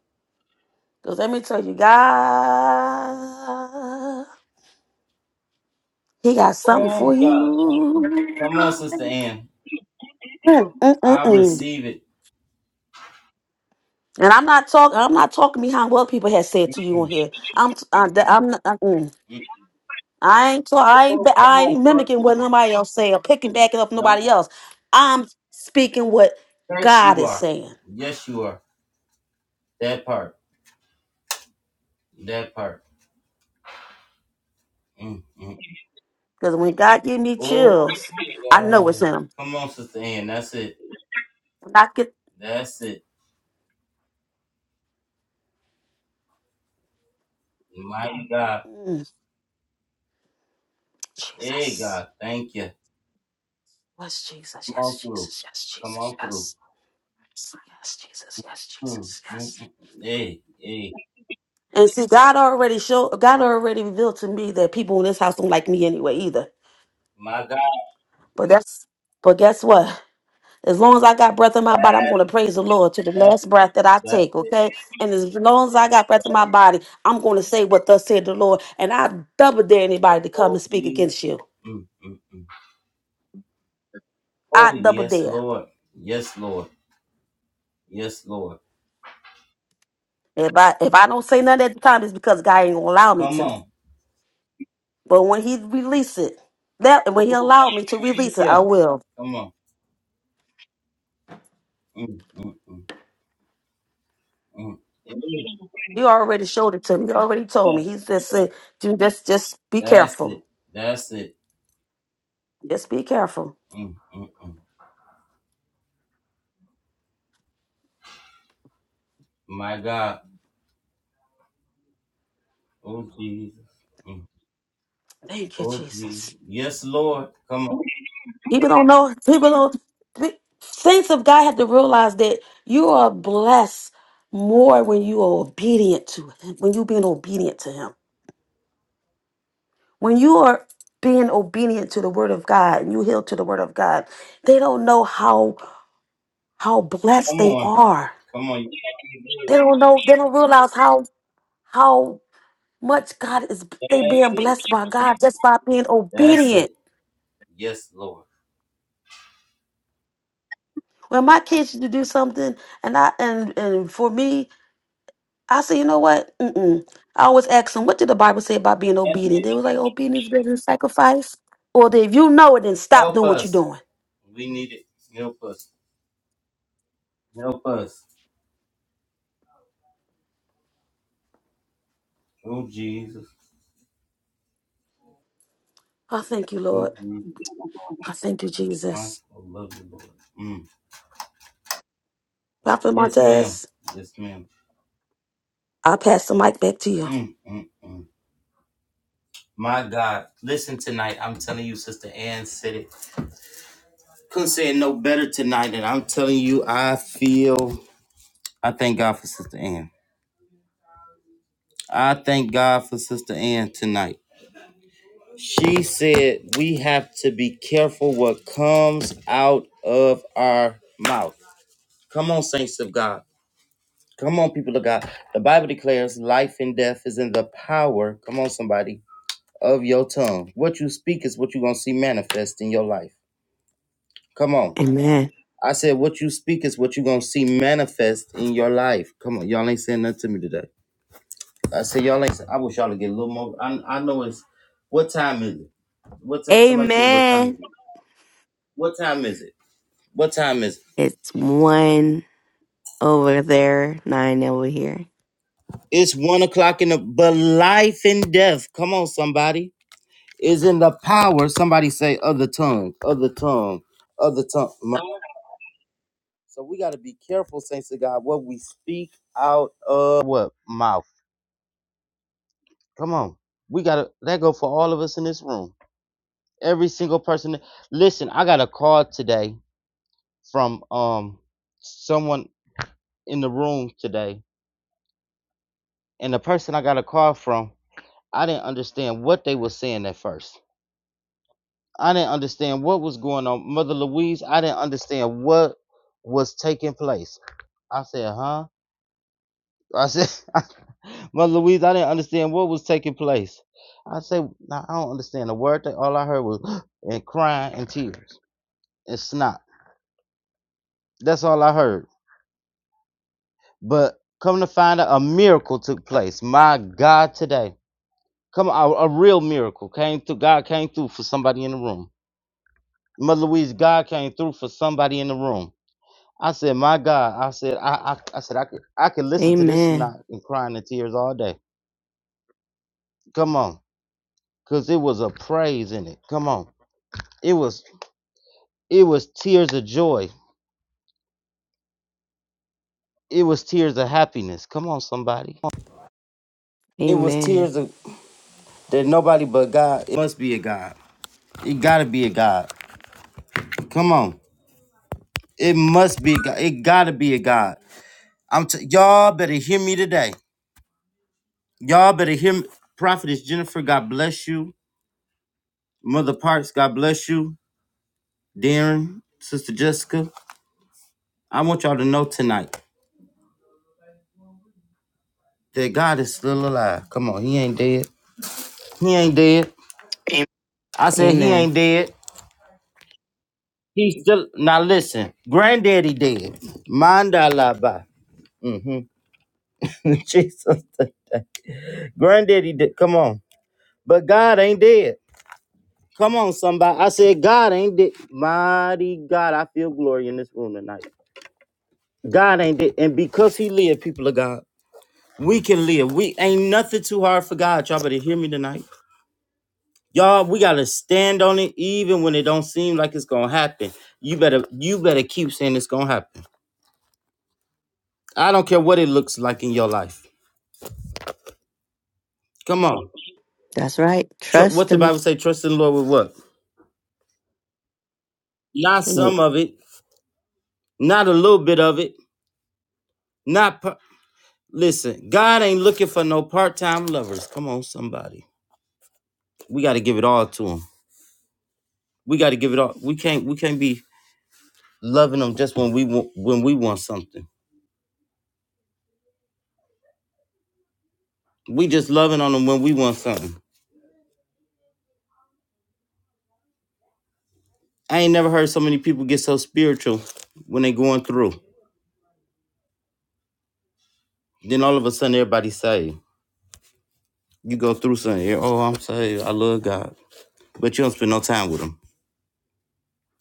Speaker 2: Cause let me tell you, God, He got something
Speaker 1: Oh
Speaker 2: for
Speaker 1: God, thank you.
Speaker 2: you.
Speaker 1: Come on, Sister Ann.
Speaker 2: Mm, mm, mm,
Speaker 1: I
Speaker 2: mm.
Speaker 1: receive it.
Speaker 2: And I'm not talking. I'm not talking behind what people have said to you on here. I'm. t- I, that- I'm. Not, uh, mm.
Speaker 1: Yeah.
Speaker 2: I ain't. talk- I ain't.
Speaker 1: Oh,
Speaker 2: ba-
Speaker 1: come
Speaker 2: I
Speaker 1: on,
Speaker 2: ain't mimicking what
Speaker 1: Dorothy.
Speaker 2: nobody else say or picking back it up
Speaker 1: No.
Speaker 2: nobody else. I'm speaking what
Speaker 1: Yes,
Speaker 2: God
Speaker 1: you
Speaker 2: is
Speaker 1: are.
Speaker 2: saying.
Speaker 1: Yes, you are. That part. That part. Mm, mm.
Speaker 2: Because when God give me
Speaker 1: Oh
Speaker 2: chills, I know it's
Speaker 1: God.
Speaker 2: Him.
Speaker 1: Come on, Sister Ann. That's it.
Speaker 2: When I get
Speaker 1: That's it. Mighty God.
Speaker 2: mm,
Speaker 1: Hey
Speaker 2: Jesus.
Speaker 1: God, thank you.
Speaker 2: What's Jesus?
Speaker 1: Come on
Speaker 2: Yes,
Speaker 1: through.
Speaker 2: Jesus. Yes,
Speaker 1: Come
Speaker 2: Jesus.
Speaker 1: on through.
Speaker 2: Yes. Yes, Jesus. Yes,
Speaker 1: Mm,
Speaker 2: Jesus.
Speaker 1: mm,
Speaker 2: Yes.
Speaker 1: mm. Hey, hey.
Speaker 2: And see, God already showed. God already revealed to me that people in this house don't like me anyway either.
Speaker 1: My God.
Speaker 2: But that's but guess what? As long as I got breath in my body, I'm gonna
Speaker 1: That's
Speaker 2: praise the Lord to the last
Speaker 1: it.
Speaker 2: breath that I
Speaker 1: That's
Speaker 2: take,
Speaker 1: it.
Speaker 2: okay? And as long as I got breath in my body, I'm gonna say what thus said the Lord. And I double dare anybody to come and
Speaker 1: Oh
Speaker 2: speak
Speaker 1: Jesus.
Speaker 2: against you.
Speaker 1: Mm, mm, mm.
Speaker 2: I
Speaker 1: Oh,
Speaker 2: double
Speaker 1: yes,
Speaker 2: dare.
Speaker 1: Lord. Yes, Lord. Yes, Lord.
Speaker 2: If I if I don't say nothing at the time, it's because God ain't gonna allow me
Speaker 1: Come
Speaker 2: to.
Speaker 1: on.
Speaker 2: But when he release it, that
Speaker 1: Oh,
Speaker 2: when he
Speaker 1: God,
Speaker 2: allowed me to release
Speaker 1: thank
Speaker 2: it,
Speaker 1: you.
Speaker 2: I will.
Speaker 1: Come on. Mm, mm, mm, mm. Mm.
Speaker 2: He already showed it to me. He already told me. He just said, "Dude, just just be
Speaker 1: That's
Speaker 2: careful.
Speaker 1: it. That's it.
Speaker 2: Just be careful."
Speaker 1: Mm, mm, mm. My God. Oh, Jesus. Mm.
Speaker 2: Thank you,
Speaker 1: Oh, Jesus.
Speaker 2: Jesus.
Speaker 1: Yes, Lord. Come on.
Speaker 2: People don't know. People don't. pe- Saints of God have to realize that you are blessed more when you are obedient to Him. When you being obedient to Him. When you are being obedient to the Word of God and you heal to the Word of God, they don't know how how blessed
Speaker 1: Come
Speaker 2: they
Speaker 1: on.
Speaker 2: are.
Speaker 1: Come on. You can do
Speaker 2: They
Speaker 1: it.
Speaker 2: don't know. They don't realize how how much God is. They
Speaker 1: That's
Speaker 2: being
Speaker 1: it.
Speaker 2: blessed by God just by being
Speaker 1: That's
Speaker 2: obedient.
Speaker 1: it. Yes, Lord.
Speaker 2: When my kids used to do something, and I and and for me I said, you know what? Mm-mm. I always ask them, what did the Bible say about being
Speaker 1: That's
Speaker 2: obedient?
Speaker 1: it.
Speaker 2: They was like, obedience is better than sacrifice. Or they, if you know it, then stop
Speaker 1: Help
Speaker 2: doing what you're
Speaker 1: us.
Speaker 2: doing.
Speaker 1: We need it. Help us. Help us. Oh, Jesus.
Speaker 2: I thank you, Lord. I thank you,
Speaker 1: My
Speaker 2: Jesus.
Speaker 1: soul love the Lord. Mm.
Speaker 2: Prophet
Speaker 1: Yes, ma'am.
Speaker 2: Martez,
Speaker 1: Yes, ma'am.
Speaker 2: I'll pass the mic back to you.
Speaker 1: Mm, mm, mm. My God, listen tonight. I'm telling you, Sister Ann said it. Couldn't say it no better tonight. And I'm telling you, I feel. I thank God for Sister Ann. I thank God for Sister Ann tonight. She said we have to be careful what comes out of our mouth. Come on, saints of God. Come on, people of God. The Bible declares life and death is in the power. Come on, somebody of your tongue. What you speak is what you're going to see manifest in your life. Come on.
Speaker 4: Amen.
Speaker 1: I said, what you speak is what you're going to see manifest in your life. Come on. Y'all ain't saying nothing to me today. I said, y'all ain't saying, I wish y'all to get a little more. I, I know it's, what time is it? What time? Somebody tell me what time is
Speaker 4: Amen.
Speaker 1: it? What time is it? What time is it?
Speaker 4: It's one over there, nine over here.
Speaker 1: It's one o'clock in the, but life and death. Come on, somebody. Is in the power. Somebody say, other tongue, other tongue, other tongue. So we got to be careful, saints of God, what we speak out of what mouth. Come on, we got to that go for all of us in this room. Every single person. Listen, I got a call today from um someone in the room today, and the person I got a call from, I didn't understand what they were saying at first. I didn't understand what was going on, Mother Louise. I didn't understand what was taking place. I said, huh? I said, *laughs* Mother Louise, I didn't understand what was taking place. I said, "Nah, I don't understand a word. That all I heard was *gasps* and crying and tears and snot. That's all I heard. But come to find out, a miracle took place. My God, today, come on, a, a real miracle came through. God came through for somebody in the room. Mother Louise, God came through for somebody in the room. I said, my God, I said, I, I, I said, I could, I could listen to this
Speaker 4: Amen.
Speaker 1: snot and crying and tears all day. Come on, cause it was a praise in it. Come on. It was it was tears of joy. It was tears of happiness. Come on, somebody. It was
Speaker 4: Amen.
Speaker 1: tears of that nobody but God. It must be a God. It gotta be a God. Come on. It must be a God. It gotta be a God. I'm t- y'all better hear me today. Y'all better hear me. Prophetess Jennifer, God bless you. Mother Parks, God bless you. Darren, Sister Jessica, I want y'all to know tonight that God is still alive. Come on, He ain't dead. He ain't dead. I said He
Speaker 4: Amen.
Speaker 1: ain't dead. He's still now. Listen, Granddaddy dead. Mind I lie Mm-hmm. *laughs* Jesus, Granddaddy dead. Come on, but God ain't dead. Come on, somebody. I said God ain't dead. Mighty God, I feel glory in this room tonight. God ain't dead, and because He lived, people of God, we can live. We ain't nothing too hard for God. Y'all better hear me tonight. Y'all, we gotta stand on it, even when it don't seem like it's gonna happen. You better, you better keep saying it's gonna happen. I don't care what it looks like in your life. Come on.
Speaker 4: That's right.
Speaker 1: Tr- what
Speaker 4: Trust
Speaker 1: the
Speaker 4: him.
Speaker 1: Bible say? Trust in the Lord with what? Not some of it, not a little bit of it, not. Par- Listen, God ain't looking for no part-time lovers. Come on, somebody. We got to give it all to him. We got to give it all. We can't. We can't be loving them just when we want when we want something. We just loving on them when we want something. I ain't never heard so many people get so spiritual when they going through. Then all of a sudden everybody saved. You go through something. Yeah, Oh, I'm saved. I love God, but you don't spend no time with him.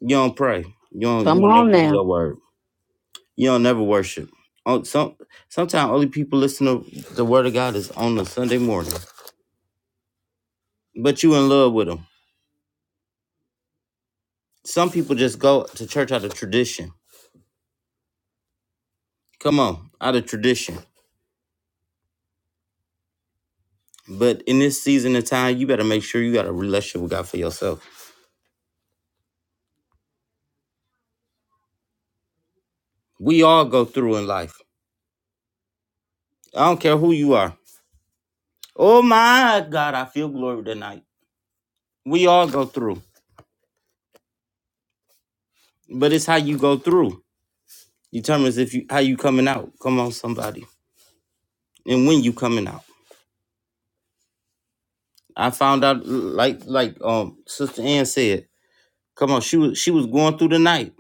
Speaker 1: You don't pray. You don't. You
Speaker 2: Come
Speaker 1: don't never
Speaker 2: on
Speaker 1: do
Speaker 2: now.
Speaker 1: your word. You don't never worship. On some sometimes only people listen to the word of God is on a Sunday morning. But you in love with them. Some people just go to church out of tradition. Come on, out of tradition. But in this season of time, you better make sure you got a relationship with God for yourself. We all go through in life. I don't care who you are. Oh my God, I feel glory tonight. We all go through, but it's how you go through determines if you how you coming out. Come on, somebody. and when you coming out. I found out like like um Sister Ann said, come on, she was she was going through the night.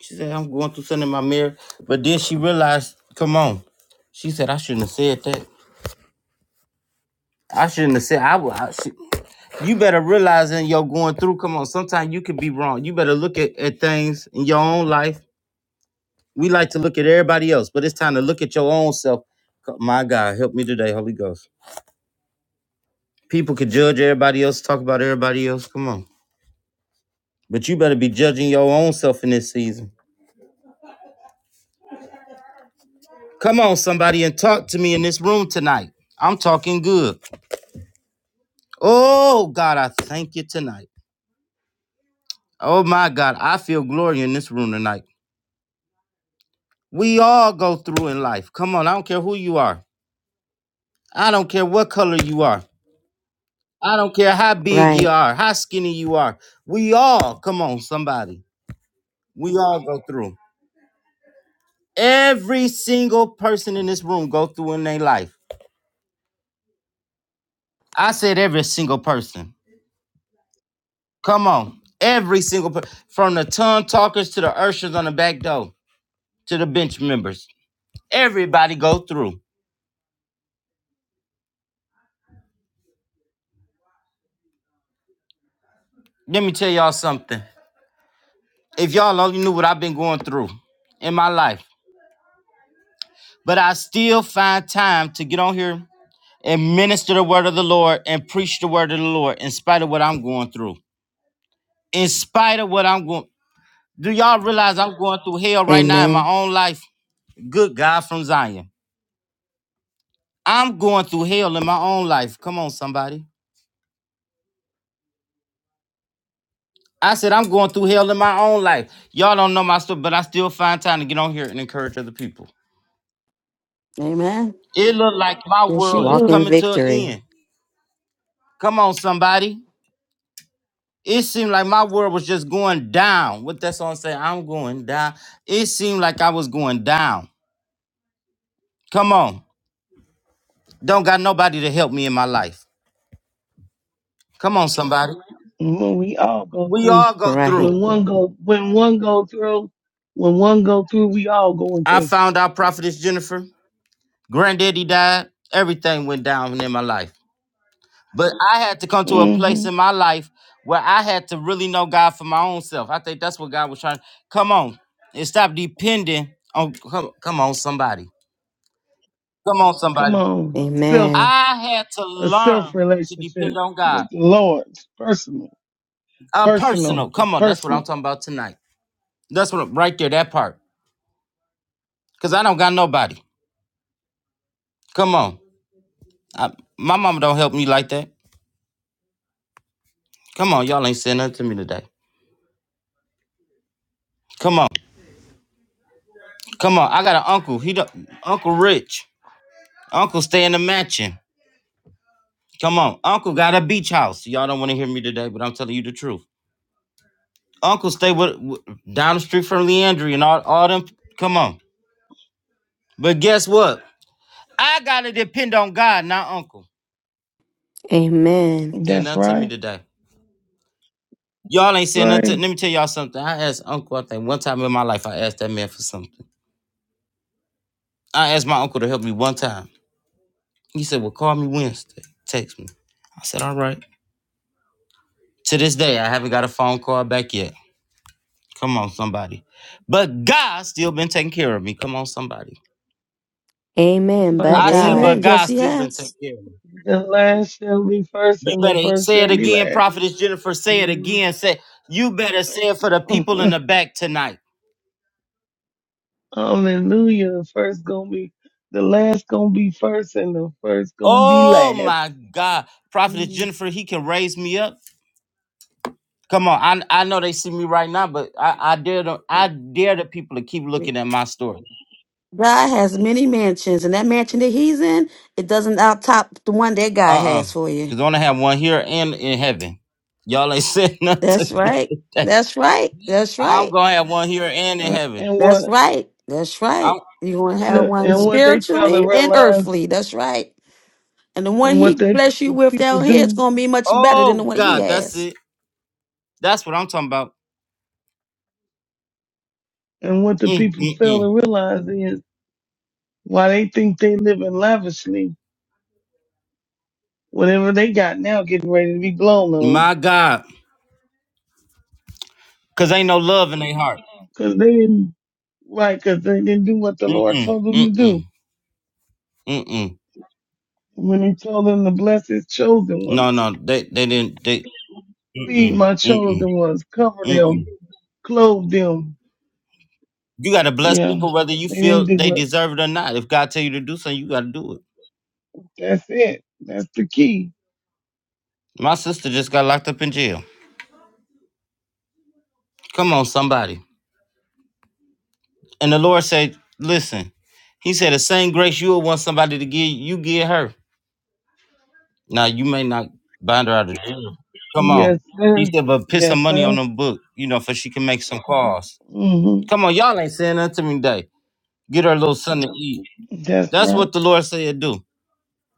Speaker 1: She said, I'm going through something in my mirror. But then she realized, come on. She said, I shouldn't have said that. I shouldn't have said I would I should, you better realize in your going through, come on, sometimes you could be wrong. You better look at, at things in your own life. We like to look at everybody else, but it's time to look at your own self. My God, help me today, Holy Ghost. People could judge everybody else, talk about everybody else. Come on. But you better be judging your own self in this season. Come on, somebody, and talk to me in this room tonight. I'm talking good. Oh, God, I thank you tonight. Oh, my God, I feel glory in this room tonight. We all go through in life. Come on, I don't care who you are. I don't care what color you are. I don't care how big you
Speaker 4: Right.
Speaker 1: are, how skinny you are. We all, come on, somebody. We all go through. Every single person in this room go through in their life. I said every single person. Come on. Every single per- from the tongue talkers to the ushers on the back door to the bench members. Everybody go through. Let me tell y'all something. If y'all only knew what I've been going through in my life, but I still find time to get on here and minister the word of the Lord and preach the word of the Lord in spite of what I'm going through. In spite of what I'm going Do y'all realize I'm going through hell right now in my
Speaker 4: Amen.
Speaker 1: own life? Good God from Zion. I'm going through hell in my own life. Come on, somebody. I said I'm going through hell in my own life. Y'all don't know my story, but I still find time to get on here and encourage other people.
Speaker 2: Amen.
Speaker 1: It looked like my
Speaker 2: Yes, you
Speaker 1: world is
Speaker 4: Walk
Speaker 2: do.
Speaker 4: in
Speaker 1: coming to an
Speaker 4: victory.
Speaker 1: end. Come on, somebody. It seemed like my world was just going down. What that song say? I'm going down. It seemed like I was going down. Come on. Don't got nobody to help me in my life. Come on, somebody.
Speaker 5: when we all go
Speaker 1: We
Speaker 5: through,
Speaker 1: all go
Speaker 4: Right.
Speaker 1: through.
Speaker 5: when one go, when one go through, when one go through, we all going
Speaker 1: I
Speaker 5: through.
Speaker 1: found out Prophetess Jennifer. Granddaddy died. Everything went down in my life. But I had to come to a
Speaker 5: hmm
Speaker 1: place in my life where I had to really know God for my own self. I think that's what God was trying to come on and stop depending on come, come on somebody. Come on
Speaker 5: Come
Speaker 1: somebody.
Speaker 5: on, self
Speaker 4: Amen.
Speaker 1: I had to
Speaker 5: a self
Speaker 1: learn to
Speaker 5: relationship
Speaker 1: depend on God.
Speaker 5: with the Lord. It's personal,
Speaker 1: Uh
Speaker 5: personal,
Speaker 1: personal.
Speaker 5: it's
Speaker 1: Come on, that's what I'm
Speaker 5: personal.
Speaker 1: talking about tonight. That's what right there, that part. Cause I don't got nobody. Come on. I, my mama don't help me like that. Come on, y'all ain't saying nothing to me today. Come on. Come on. I got an uncle. He do, Uncle Rich. Uncle stay in the mansion. Come on, Uncle got a beach house. Y'all don't want to hear me today, but I'm telling you the truth. Uncle stay with, with- down the street from Leandry and all, all them. Come on, but guess what? I gotta depend on God, not Uncle.
Speaker 4: Amen.
Speaker 1: Saying
Speaker 5: That's
Speaker 1: nothing to me
Speaker 5: right.
Speaker 1: today. Y'all ain't
Speaker 5: That's
Speaker 1: saying
Speaker 5: right.
Speaker 1: nothing. To, let me tell y'all something. I asked Uncle. I think one time in my life, I asked that man for something. I asked my uncle to help me one time. He said, "Well, call me Wednesday. Text me." I said, "All right." To this day, I haven't got a phone call back yet. Come on, somebody. But God still been taking care of me. Come on, somebody.
Speaker 5: That's
Speaker 4: Amen.
Speaker 5: why he
Speaker 4: But
Speaker 1: I said,
Speaker 4: God.
Speaker 5: said,
Speaker 1: but
Speaker 2: Amen.
Speaker 1: God
Speaker 2: Yes, he
Speaker 1: still been taking
Speaker 2: has.
Speaker 1: care of me.
Speaker 5: the last shall be first
Speaker 1: You
Speaker 5: and the
Speaker 1: better
Speaker 5: first
Speaker 1: say it
Speaker 5: shall be
Speaker 1: again,
Speaker 5: last.
Speaker 1: Prophetess Jennifer. Say it
Speaker 2: Mhm.
Speaker 1: again. Say you better say it for the people in
Speaker 5: *laughs*
Speaker 1: the back tonight.
Speaker 5: Hallelujah. The first gonna be, the last gonna be first and the first gonna be
Speaker 1: Oh
Speaker 5: last.
Speaker 1: my God, Prophetess Jennifer, he can raise me up. Come on, I I know they see me right now, but I, I dare the I dare the people to keep looking at my story.
Speaker 2: God has many mansions, and that mansion that he's in, it doesn't out top the one that God
Speaker 1: Uh uh
Speaker 2: has for you.
Speaker 1: because I only have one here and in heaven. Y'all ain't said *laughs* nothing. to
Speaker 2: That's right.
Speaker 1: me today.
Speaker 2: That's right. That's
Speaker 1: I'm
Speaker 2: right.
Speaker 1: gonna have one here and in
Speaker 5: Uh,
Speaker 1: heaven.
Speaker 5: And
Speaker 2: That's
Speaker 5: what?
Speaker 2: right. That's
Speaker 1: I'm,
Speaker 2: right. You're going to
Speaker 5: and
Speaker 2: have
Speaker 5: the,
Speaker 2: one
Speaker 5: and what they fail to
Speaker 2: spiritually and
Speaker 5: realize
Speaker 2: earthly. That's right. And the one
Speaker 5: and
Speaker 2: he
Speaker 5: what they,
Speaker 2: bless you
Speaker 5: the
Speaker 2: with
Speaker 5: people
Speaker 2: down here is
Speaker 5: do
Speaker 2: going to be much better than the
Speaker 1: oh
Speaker 2: one he
Speaker 1: God, that's
Speaker 2: has.
Speaker 1: it. That's what I'm talking about.
Speaker 5: and what the
Speaker 1: Mm,
Speaker 5: people
Speaker 1: mm,
Speaker 5: fail
Speaker 1: mm.
Speaker 5: to realize is why they think they living lavishly, whatever they got now getting ready to be blown on.
Speaker 1: My God, cause ain't no love in their heart.
Speaker 5: 'Cause they didn't, right, 'cause they didn't do what the
Speaker 1: Mm,
Speaker 5: Lord
Speaker 1: mm,
Speaker 5: told them
Speaker 1: mm,
Speaker 5: to
Speaker 1: mm,
Speaker 5: do.
Speaker 1: mm, mm.
Speaker 5: When he told them to bless his chosen
Speaker 1: No,
Speaker 5: ones,
Speaker 1: no, they, they didn't. They, mm, mm,
Speaker 5: feed
Speaker 1: mm,
Speaker 5: my
Speaker 1: mm,
Speaker 5: chosen ones, cover
Speaker 1: mm. mm.
Speaker 5: them, clothe them.
Speaker 1: You gotta bless
Speaker 5: Yeah,
Speaker 1: people whether you
Speaker 5: they didn't
Speaker 1: feel
Speaker 5: do
Speaker 1: they
Speaker 5: what,
Speaker 1: deserve it or not. If God tell you to do something, you gotta do it.
Speaker 5: that's it. That's the key.
Speaker 1: My sister just got locked up in jail. Come on, somebody. And the Lord said, "Listen." He said, "The same grace you would want somebody to give, you give her. Now you may not bind her out of jail. Come on."
Speaker 5: Yes,
Speaker 1: He
Speaker 5: sir.
Speaker 1: said, "But put some
Speaker 5: Yes,
Speaker 1: money on
Speaker 5: sir.
Speaker 1: the book, you know, for she can make some calls."
Speaker 5: Mm-hmm.
Speaker 1: Come on, y'all ain't saying nothing to me today. Get her little something to eat.
Speaker 5: That's
Speaker 1: That's
Speaker 5: right.
Speaker 1: what the Lord said do.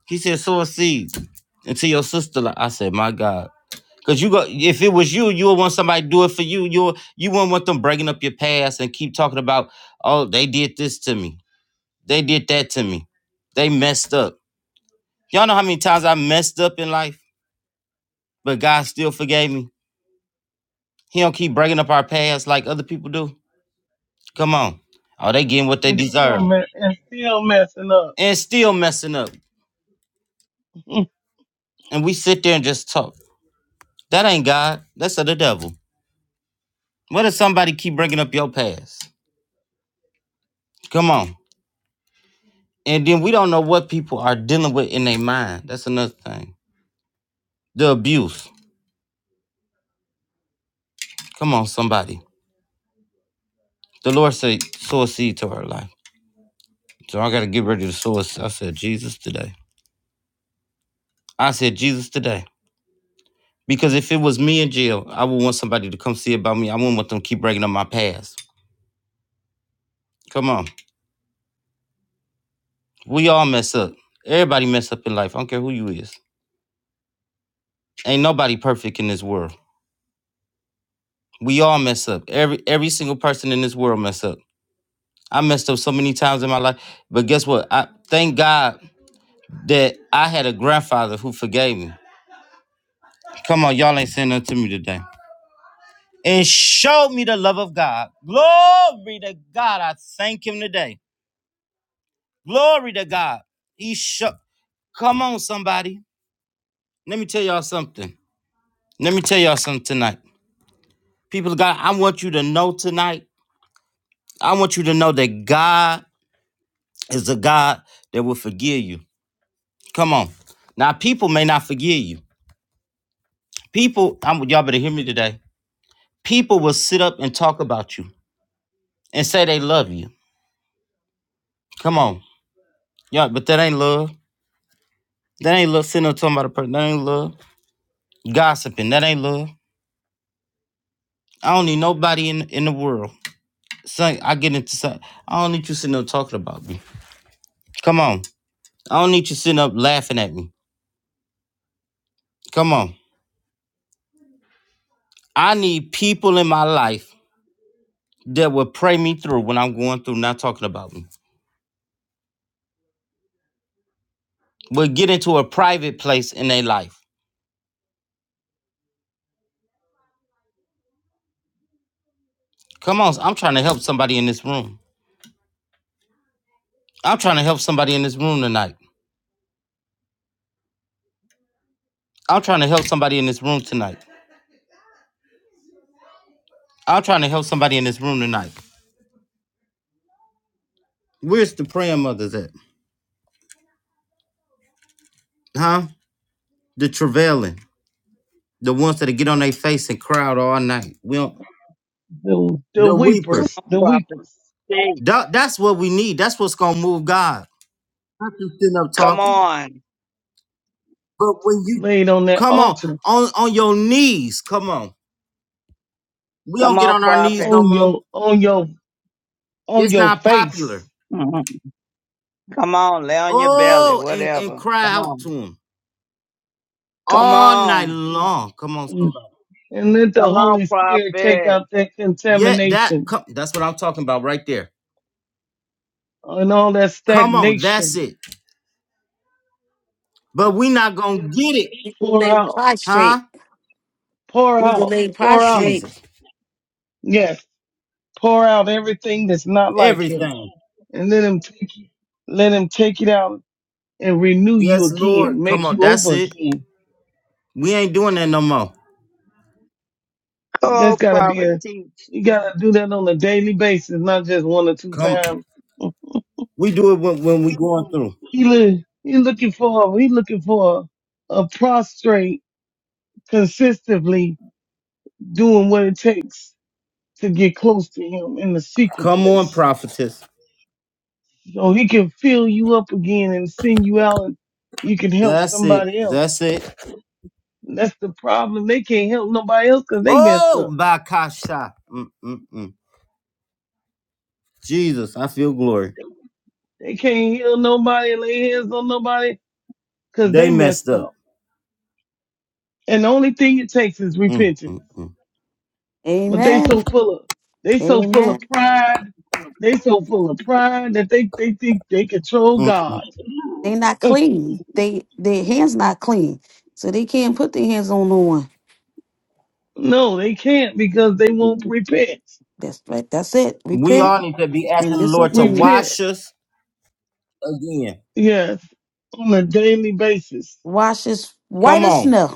Speaker 1: He said, sow a seed into your sister. Like I said, my God. Cause you go if it was you, you would want somebody to do it for you. You would- you wouldn't want them breaking up your past and keep talking about, oh, they did this to me. They did that to me. They messed up. Y'all know how many times I messed up in life, but God still forgave me. He don't keep breaking up our past like other people do. Come on. Oh, they getting what they
Speaker 5: And still
Speaker 1: deserve.
Speaker 5: me- and still messing up.
Speaker 1: And still messing up.
Speaker 5: *laughs*
Speaker 1: and we sit there and just talk. That ain't God. That's of the devil. What if somebody keep bringing up your past? Come on. And then we don't know what people are dealing with in their mind. That's another thing. The abuse. Come on, somebody. The Lord said, sow a seed to her life. So I got to get ready to sow a I said, Jesus today. I said, Jesus today. Because if it was me in jail, I would want somebody to come see about me. I wouldn't want them to keep bringing up my past. Come on. We all mess up. Everybody mess up in life. I don't care who you is. Ain't nobody perfect in this world. We all mess up. Every every single person in this world mess up. I messed up so many times in my life, but guess what? I thank God that I had a grandfather who forgave me. Come on, y'all ain't saying nothing to me today. And showed me the love of God. Glory to God. I thank him today. Glory to God. He show. Come on, somebody. Let me tell y'all something. Let me tell y'all something tonight. People of God, I want you to know tonight. I want you to know that God is a God that will forgive you. Come on. Now, people may not forgive you. People, I'm, y'all better hear me today. People will sit up and talk about you and say they love you. Come on. y'all, but that ain't love. That ain't love. Sitting up talking about a person. That ain't love. Gossiping. That ain't love. I don't need nobody in, in the world. Son, I get into something. I don't need you sitting up talking about me. Come on. I don't need you sitting up laughing at me. Come on. I need people in my life that will pray me through when I'm going through not talking about me. Will get into a private place in their life Come on, I'm trying to help somebody in this room. I'm trying to help somebody in this room tonight. I'm trying to help somebody in this room tonight. I'm trying to help somebody in this room tonight. Where's the praying mothers at? Huh? The travailing. The ones that get on their face and cry out all night. We don't,
Speaker 5: The the
Speaker 1: the weepers.
Speaker 5: weepers, the
Speaker 6: Prophet.
Speaker 5: weepers
Speaker 6: Hey,
Speaker 1: That- that's what we need. That's what's gonna move God. Not you sitting up
Speaker 6: Come
Speaker 1: talking.
Speaker 6: on.
Speaker 1: But when you
Speaker 5: laid on that
Speaker 1: come on,
Speaker 5: altar
Speaker 1: on on your knees, come on. We
Speaker 6: Come
Speaker 1: don't get
Speaker 6: on,
Speaker 1: on our knees
Speaker 6: prophet.
Speaker 1: no
Speaker 5: on
Speaker 1: more.
Speaker 5: your on your on
Speaker 1: It's
Speaker 5: your
Speaker 1: not popular.
Speaker 5: face.
Speaker 6: Mhm. Come on, lay on your belly,
Speaker 1: Oh, and, and
Speaker 6: whatever.
Speaker 1: cry
Speaker 6: Come
Speaker 1: out to
Speaker 6: on.
Speaker 1: him.
Speaker 6: Come
Speaker 1: all night
Speaker 6: on.
Speaker 1: long. Come on,
Speaker 5: Mm.
Speaker 1: somebody.
Speaker 5: And let the
Speaker 6: Come on,
Speaker 5: Holy Spirit take
Speaker 6: prophet.
Speaker 5: out that
Speaker 1: Yeah, that
Speaker 5: contamination
Speaker 1: come, that's what I'm talking about right there.
Speaker 5: and all that
Speaker 1: Come on, that's
Speaker 5: stagnation.
Speaker 1: it. But we not gonna get it,
Speaker 2: You can
Speaker 5: Pour
Speaker 2: lay
Speaker 5: out,
Speaker 2: prostrate.
Speaker 1: huh?
Speaker 5: pour
Speaker 2: You can
Speaker 5: out,
Speaker 2: lay
Speaker 5: pour out.
Speaker 2: prostrate.
Speaker 1: Jesus,
Speaker 5: Yes, pour out everything that's not like him.
Speaker 1: everything.
Speaker 5: And let him take it. Let him take it out and renew you
Speaker 1: Yes,
Speaker 5: again,
Speaker 1: Lord. Come
Speaker 5: make
Speaker 1: on,
Speaker 5: you
Speaker 1: that's
Speaker 5: over
Speaker 1: it.
Speaker 5: again
Speaker 1: We ain't doing that no more.
Speaker 5: That's
Speaker 6: Oh,
Speaker 5: gotta be
Speaker 6: prophet,
Speaker 5: a
Speaker 6: teach.
Speaker 5: you gotta do that on a daily basis, not just one or two
Speaker 1: Come,
Speaker 5: times.
Speaker 1: we do it when, when we going through.
Speaker 5: He look he looking for he looking for a prostrate consistently doing what it takes to get close to him in the secret
Speaker 1: Come on,
Speaker 5: place.
Speaker 1: prophetess.
Speaker 5: So he can fill you up again and send you out and you can help
Speaker 1: That's it.
Speaker 5: somebody else.
Speaker 1: That's it.
Speaker 5: And that's the problem. They can't help nobody else 'cause they messed
Speaker 1: Oh,
Speaker 5: up.
Speaker 1: Bakasha. Mm, mm, mm. Jesus, I feel glory.
Speaker 5: They can't heal nobody, lay hands on nobody 'cause
Speaker 1: They
Speaker 5: they
Speaker 1: messed
Speaker 5: messed
Speaker 1: up.
Speaker 5: up. And the only thing it takes is
Speaker 1: Mm, mm,
Speaker 5: repentance.
Speaker 1: mm.
Speaker 5: but they
Speaker 2: Amen.
Speaker 5: so full of they so full of
Speaker 2: Amen.
Speaker 5: pride. They so full of pride that they they think they control
Speaker 1: Mm, mm.
Speaker 5: God.
Speaker 2: They not
Speaker 5: *laughs*
Speaker 2: clean. They their hands not clean, so they can't put their hands on no one.
Speaker 5: No, they can't because they won't
Speaker 2: Mm,
Speaker 5: repent.
Speaker 2: That's right. That's it.
Speaker 1: We
Speaker 2: Repent
Speaker 1: all need to be asking
Speaker 2: and
Speaker 1: the
Speaker 2: this will
Speaker 1: Lord to
Speaker 2: be
Speaker 5: Repent,
Speaker 1: wash us again.
Speaker 5: yes, on a daily basis.
Speaker 2: washed as white
Speaker 1: Come
Speaker 2: as
Speaker 1: on.
Speaker 2: snow.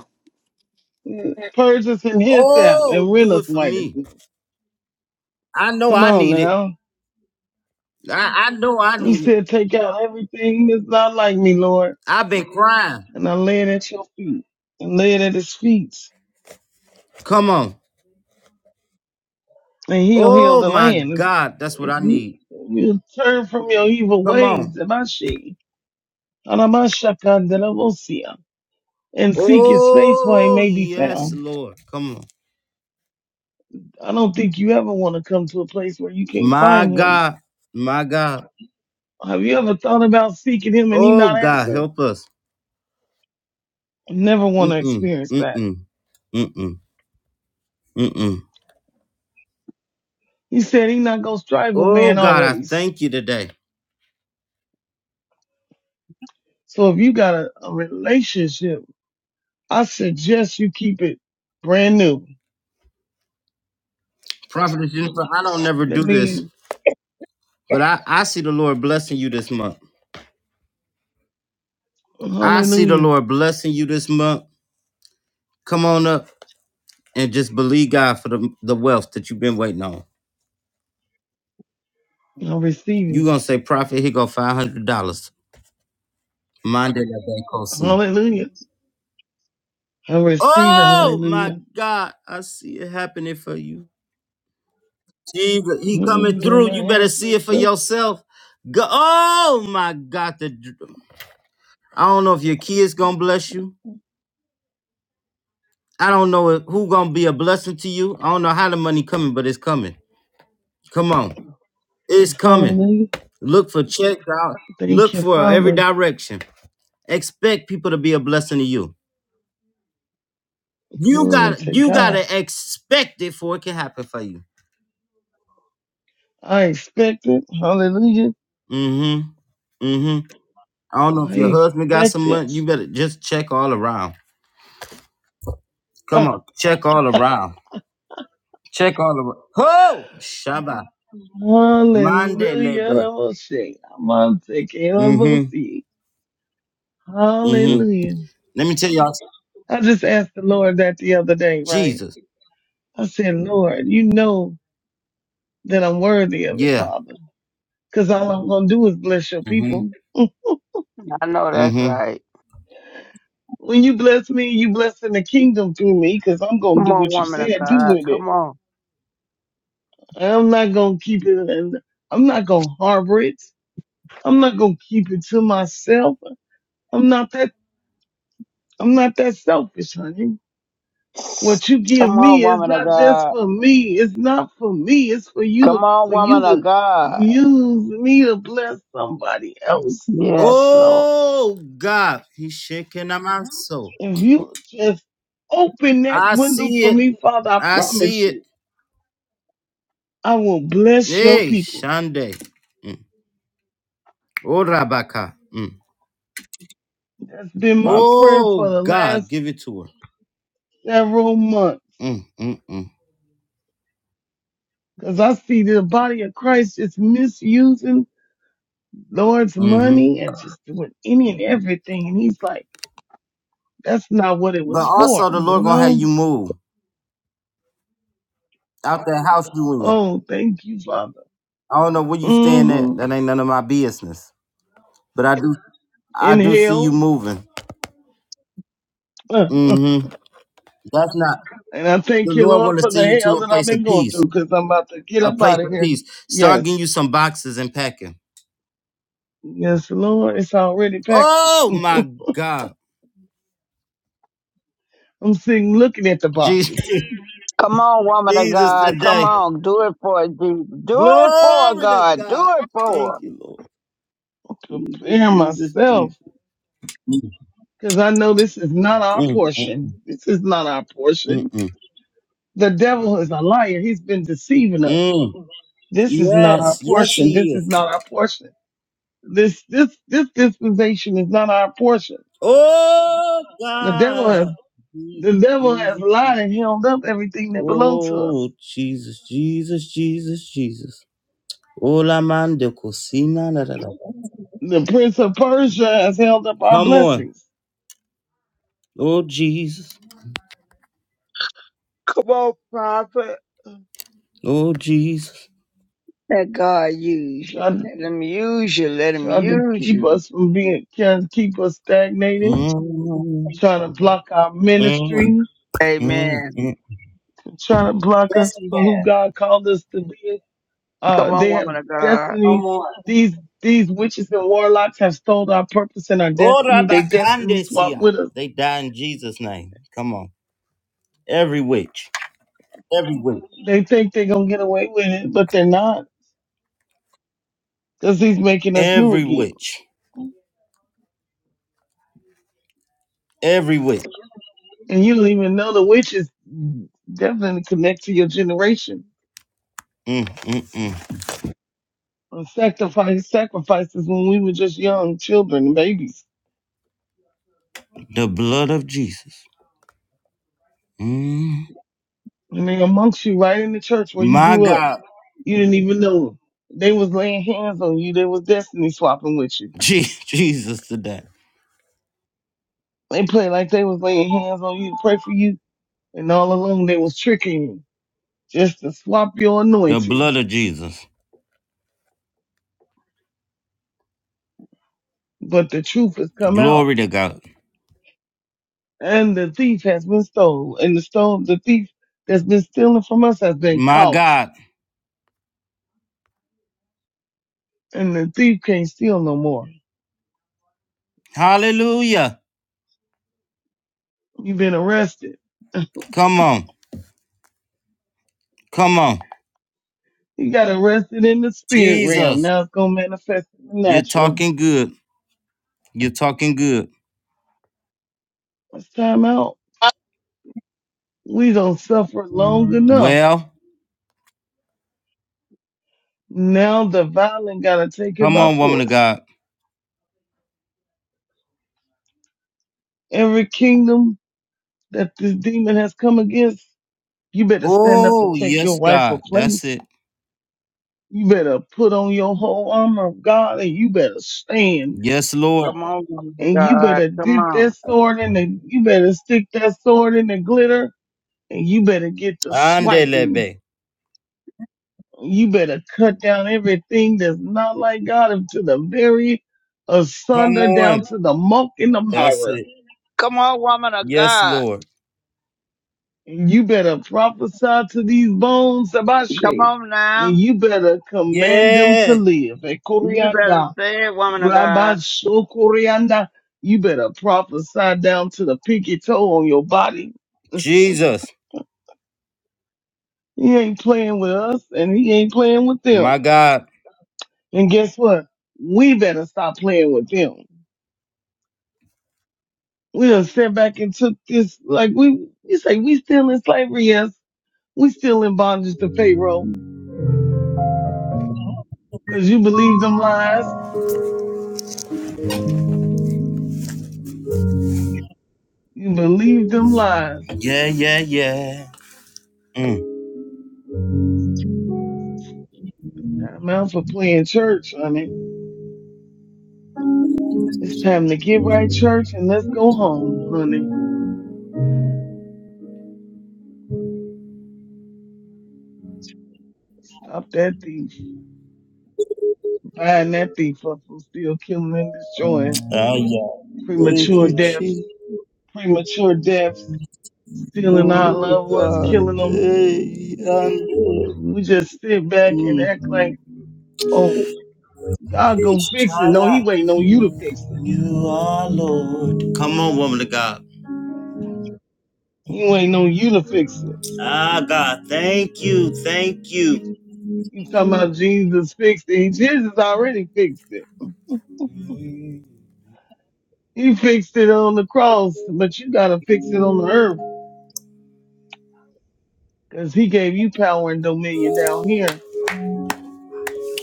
Speaker 5: Mm, Purge us in His sap and
Speaker 1: Oh,
Speaker 5: rend
Speaker 1: do it
Speaker 5: us
Speaker 1: for
Speaker 5: white as
Speaker 1: me.
Speaker 5: snow.
Speaker 1: I know
Speaker 5: Come
Speaker 1: I
Speaker 5: on
Speaker 1: need it.
Speaker 5: now.
Speaker 1: I, I know I
Speaker 5: He
Speaker 1: need it.
Speaker 5: said, "Take out everything that's not like me, Lord,"
Speaker 1: I've been crying.
Speaker 5: and I lay it at Your feet and lay it at His feet,
Speaker 1: Come on.
Speaker 5: and He'll heal
Speaker 1: Oh
Speaker 5: the
Speaker 1: my
Speaker 5: land.
Speaker 1: God, that's what
Speaker 5: If
Speaker 1: I
Speaker 5: you
Speaker 1: need.
Speaker 5: if you turn from your evil
Speaker 1: Come
Speaker 5: ways,
Speaker 1: on.
Speaker 5: Abashi, Anamashakandelavosia, and seek his face while he
Speaker 1: Oh
Speaker 5: may be
Speaker 1: yes,
Speaker 5: found.
Speaker 1: Lord. Come on.
Speaker 5: I don't think you ever want to come to a place where you can't
Speaker 1: My
Speaker 5: find him.
Speaker 1: God. My God.
Speaker 5: Have you ever thought about seeking him and he
Speaker 1: Oh
Speaker 5: not
Speaker 1: God,
Speaker 5: answer?
Speaker 1: help us.
Speaker 5: I never want to
Speaker 1: Mm-mm.
Speaker 5: experience that.
Speaker 1: Mm-mm. Mm-mm. Mm-mm.
Speaker 5: He said he not gonna strive with
Speaker 1: Oh
Speaker 5: man
Speaker 1: God, I
Speaker 5: always.
Speaker 1: thank you today.
Speaker 5: So if you got a, a relationship, I suggest you keep it brand new.
Speaker 1: Prophet Jennifer, I don't never
Speaker 5: Let
Speaker 1: do this.
Speaker 5: me
Speaker 1: But I, I see the Lord blessing you this month. I see the
Speaker 5: hallelujah.
Speaker 1: Lord blessing you this month. Come on up and just believe God for the, the wealth that you've been waiting on.
Speaker 5: I receive
Speaker 1: you gonna
Speaker 5: it.
Speaker 1: say, Prophet, here go five hundred dollars. Mind that I think I'll see.
Speaker 5: Hallelujah. I receive it.
Speaker 1: Oh my
Speaker 5: Hallelujah.
Speaker 1: God, I see it happening for you. Jesus, he coming
Speaker 5: Mm, Get
Speaker 1: through.
Speaker 5: my
Speaker 1: You better
Speaker 5: hands
Speaker 1: see it for
Speaker 5: lifted up.
Speaker 1: yourself. Go, oh my God, the I don't know if your kids gonna bless you. I don't know if- who gonna be a blessing to you. I don't know how the money coming, but it's coming. Come on. It's coming.
Speaker 5: Hallelujah.
Speaker 1: Look for checks out.
Speaker 5: Thank
Speaker 1: Look
Speaker 5: you,
Speaker 1: for every
Speaker 5: Father.
Speaker 1: direction. Expect people to be a blessing to you. You
Speaker 5: Glory
Speaker 1: got
Speaker 5: to
Speaker 1: you gotta
Speaker 5: God.
Speaker 1: expect it for it can happen for you.
Speaker 5: I expect it. Hallelujah.
Speaker 1: Mm-hmm. Mm-hmm. I don't know if
Speaker 5: I
Speaker 1: your husband got
Speaker 5: expect
Speaker 1: some money.
Speaker 5: it.
Speaker 1: You better just check all around. Come
Speaker 5: Ah,
Speaker 1: on, check all around. Check all around. Ho! Shabbat. Monday
Speaker 5: Hallelujah. I
Speaker 1: lebe.
Speaker 5: will say, I'm on sick, and I will
Speaker 1: Mm-hmm.
Speaker 5: see.
Speaker 1: Mm-hmm.
Speaker 5: Hallelujah.
Speaker 1: Let me tell y'all. something.
Speaker 5: I just asked the Lord that the other day, right?
Speaker 1: Jesus.
Speaker 5: I said, Lord, you know that I'm worthy of it,
Speaker 1: Yeah.
Speaker 5: Father. Cause all I'm going to do is bless your
Speaker 1: Mm-hmm.
Speaker 5: people.
Speaker 6: I know that's
Speaker 1: Mm-hmm.
Speaker 6: right.
Speaker 5: When you bless me, you blessing the kingdom through me, because I'm gonna
Speaker 6: Come
Speaker 5: do
Speaker 6: on,
Speaker 5: what you
Speaker 6: woman of
Speaker 5: said, do
Speaker 6: God.
Speaker 5: with it.
Speaker 6: Come on.
Speaker 5: I'm not gonna keep it. and I'm not gonna harbor it. I'm not gonna keep it to myself. I'm not that. I'm not that selfish, honey. What you
Speaker 6: Come
Speaker 5: give
Speaker 6: on,
Speaker 5: me is
Speaker 6: woman of
Speaker 5: not just
Speaker 6: God.
Speaker 5: for me. It's not for me. It's for you
Speaker 6: Come
Speaker 5: to
Speaker 6: on,
Speaker 5: for you
Speaker 6: woman of
Speaker 5: to
Speaker 6: God.
Speaker 5: use me to bless somebody else.
Speaker 6: Yes, Lord.
Speaker 1: Oh God, he's shaking on my soul.
Speaker 5: If you just open that
Speaker 1: I
Speaker 5: window
Speaker 1: see
Speaker 5: for
Speaker 1: it.
Speaker 5: me, Father, I
Speaker 1: I
Speaker 5: promise
Speaker 1: see it.
Speaker 5: you, I will bless your
Speaker 1: Hey,
Speaker 5: people.
Speaker 1: Shande. Mm. Oh Rabaka. Mm.
Speaker 5: That's been my prayer for
Speaker 1: Oh
Speaker 5: the
Speaker 1: God,
Speaker 5: last
Speaker 1: give it to her.
Speaker 5: several months.
Speaker 1: Mm, mm, mm.
Speaker 5: Cause I see the body of Christ just misusing Lord's
Speaker 1: hmm
Speaker 5: money and just doing any and everything. And he's like, that's not what it
Speaker 1: But
Speaker 5: was for,
Speaker 1: also the
Speaker 5: you
Speaker 1: Lord gonna have
Speaker 5: know?
Speaker 1: you move out that house you in.
Speaker 5: Oh, thank you, Father.
Speaker 1: I don't know where you staying at.
Speaker 5: Mm-hmm.
Speaker 1: That ain't none of my business. But I do I
Speaker 5: In
Speaker 1: do see you
Speaker 5: hell. *laughs*
Speaker 1: moving.
Speaker 5: Uh, uh.
Speaker 1: hmm That's not
Speaker 5: And I
Speaker 1: the
Speaker 5: thank you,
Speaker 1: Lord
Speaker 5: Lord,
Speaker 1: want to
Speaker 5: for
Speaker 1: see
Speaker 5: the
Speaker 1: you to
Speaker 5: hell
Speaker 1: a
Speaker 5: that I've
Speaker 1: place of
Speaker 5: been going through
Speaker 1: peace.
Speaker 5: because I'm about to get
Speaker 1: a
Speaker 5: up
Speaker 1: place
Speaker 5: out
Speaker 1: of
Speaker 5: of here.
Speaker 1: peace. Start
Speaker 5: Yes.
Speaker 1: getting you some boxes and packing.
Speaker 5: Yes, Lord. It's already packed. *laughs*
Speaker 1: Oh my
Speaker 5: I'm
Speaker 1: God.
Speaker 5: sitting looking at the
Speaker 1: Jesus,
Speaker 5: boxes,
Speaker 1: *laughs*
Speaker 6: Come on, woman of
Speaker 1: Jesus
Speaker 6: God. Come
Speaker 1: today.
Speaker 6: on. Do it for Jesus. Do it for
Speaker 1: Glory to
Speaker 6: God.
Speaker 1: God.
Speaker 6: Do it for.
Speaker 1: Thank
Speaker 6: her.
Speaker 1: you, Lord.
Speaker 5: *laughs* Prepare
Speaker 1: Jesus,
Speaker 5: myself.
Speaker 1: Jesus. Jesus.
Speaker 5: because I know this is not
Speaker 1: Mm,
Speaker 5: our
Speaker 1: mm, mm,
Speaker 5: portion. This is not our
Speaker 1: mm,
Speaker 5: portion.
Speaker 1: mm,
Speaker 5: The devil is a liar. He's been deceiving us.
Speaker 1: mm.
Speaker 5: This is not our
Speaker 1: Yes, yes,
Speaker 5: portion. This
Speaker 1: He
Speaker 5: is
Speaker 1: is.
Speaker 5: not our portion. This this this dispensation is not our portion.
Speaker 1: Oh
Speaker 5: The devil has
Speaker 1: God. Jesus,
Speaker 5: the devil has
Speaker 1: Jesus.
Speaker 5: lied
Speaker 1: Jesus.
Speaker 5: and held up everything that belongs to us.
Speaker 1: Oh Jesus, Jesus, Jesus, Jesus. Ola man de cocina. la, la, la.
Speaker 5: The prince of Persia has held up our
Speaker 1: Come on.
Speaker 5: blessings,
Speaker 1: Oh Jesus.
Speaker 6: Come on, prophet.
Speaker 1: Oh Jesus.
Speaker 6: Let God use you.
Speaker 5: trying
Speaker 6: Let him use you. Let him
Speaker 5: trying to
Speaker 6: use
Speaker 5: keep
Speaker 6: you.
Speaker 5: us from being trying to keep us stagnated,
Speaker 1: Mm,
Speaker 5: trying to block our
Speaker 1: mm,
Speaker 5: ministry,
Speaker 1: mm,
Speaker 6: Amen.
Speaker 1: mm.
Speaker 5: trying to block us for who God called us to be.
Speaker 6: Come
Speaker 5: Uh,
Speaker 6: on,
Speaker 5: they have
Speaker 6: woman of God.
Speaker 5: destiny. These these witches and warlocks have stole our purpose and our
Speaker 1: Ora
Speaker 5: destiny. They destiny swap
Speaker 1: bacandesia.
Speaker 5: with us.
Speaker 1: They die in Jesus' name. Come on. Every witch. Every witch.
Speaker 5: They think they're gonna get away with it, but they're not, because he's making us new
Speaker 1: Every
Speaker 5: again.
Speaker 1: witch. Every witch.
Speaker 5: And you don't even know the witches definitely connect to your generation.
Speaker 1: Mm, mm, mm.
Speaker 5: And Sacrifice sacrifices when we were just young children, babies.
Speaker 1: The blood of Jesus. Mm.
Speaker 5: And they amongst you right in the church where you
Speaker 1: My
Speaker 5: grew up.
Speaker 1: God.
Speaker 5: You didn't even know they was laying hands on you. They was destiny swapping with you.
Speaker 1: Je- *laughs* Jesus today.
Speaker 5: They played like they was laying hands on you to pray for you, and all along they was tricking you just to swap your
Speaker 1: The
Speaker 5: anointing.
Speaker 1: blood of Jesus.
Speaker 5: But the truth has come out,
Speaker 1: Glory to God.
Speaker 5: and the thief has been stole, and the stole the thief that's been stealing from us has been
Speaker 1: My
Speaker 5: caught,
Speaker 1: God.
Speaker 5: and the thief can't steal no more.
Speaker 1: Hallelujah.
Speaker 5: You've been arrested.
Speaker 1: Come on. Come on.
Speaker 5: You got arrested in the spirit realm.
Speaker 1: Jesus.
Speaker 5: Now it's gonna manifest in the
Speaker 1: You're
Speaker 5: natural.
Speaker 1: talking good. You're talking good.
Speaker 5: It's time out. We don't suffer long enough
Speaker 1: Well,
Speaker 5: Now the violent gotta take it
Speaker 1: come
Speaker 5: by
Speaker 1: on, woman of
Speaker 5: force.
Speaker 1: God.
Speaker 5: Every kingdom that this demon has come against, you better stand up and
Speaker 1: Oh,
Speaker 5: take
Speaker 1: yes,
Speaker 5: your rightful
Speaker 1: God. That's
Speaker 5: place.
Speaker 1: it.
Speaker 5: You better put on your whole armor of God and you better stand.
Speaker 1: Yes, Lord.
Speaker 6: Come on, woman of
Speaker 5: And you
Speaker 6: God.
Speaker 5: better
Speaker 6: Come
Speaker 5: dip
Speaker 6: on.
Speaker 5: that sword in the, you better stick that sword in the glitter and you better get to swiping.
Speaker 1: Andelebe.
Speaker 5: You better cut down everything that's not like God and to the very
Speaker 1: Come
Speaker 5: asunder
Speaker 1: on.
Speaker 5: down to the muck in the
Speaker 1: That's
Speaker 5: mire.
Speaker 1: it.
Speaker 6: Come on, woman of
Speaker 1: Yes,
Speaker 6: God.
Speaker 1: Lord.
Speaker 5: And you better prophesy to these bones,
Speaker 6: Come
Speaker 5: Sabashi,
Speaker 6: on
Speaker 5: and
Speaker 6: now.
Speaker 5: you better command them to
Speaker 1: Yeah.
Speaker 5: live. And
Speaker 6: You better
Speaker 5: Corianda,
Speaker 6: say it, woman of God.
Speaker 5: Rabasho Corianda, you better prophesy down to the pinky toe on your body.
Speaker 1: Jesus.
Speaker 5: He ain't playing with us and he ain't playing with them.
Speaker 1: My God.
Speaker 5: And guess what? We better stop playing with them. We done sat back and took this, like we, you say we still in slavery, yes. We still in bondage to Pharaoh because you believe them lies You believe them lies.
Speaker 1: Yeah, yeah, yeah. Mm.
Speaker 5: Got 'em out for playing church, honey. It's time to get right, church, and let's go home, honey. Stop that thief. Buying that thief up from still killing and destroying.
Speaker 1: Oh, yeah. Thank
Speaker 5: Premature
Speaker 1: you,
Speaker 5: deaths.
Speaker 1: Jesus.
Speaker 5: Premature deaths. Stealing our
Speaker 1: Oh,
Speaker 5: loved ones,
Speaker 1: God.
Speaker 5: killing them.
Speaker 1: Hey, Ande.
Speaker 5: We just sit back and
Speaker 1: Mm.
Speaker 5: act like, oh, God gonna fix it. No,
Speaker 1: Ishaya.
Speaker 5: he waiting on you to fix it.
Speaker 1: You are Lord. Come on, woman of God.
Speaker 5: He waiting on you to fix it.
Speaker 1: Ah, God, thank you, thank you.
Speaker 5: You talking about Jesus fixed it. Jesus already fixed it. You fixed it on the cross, but you gotta fix it on the earth, 'cause he gave you power and dominion down here.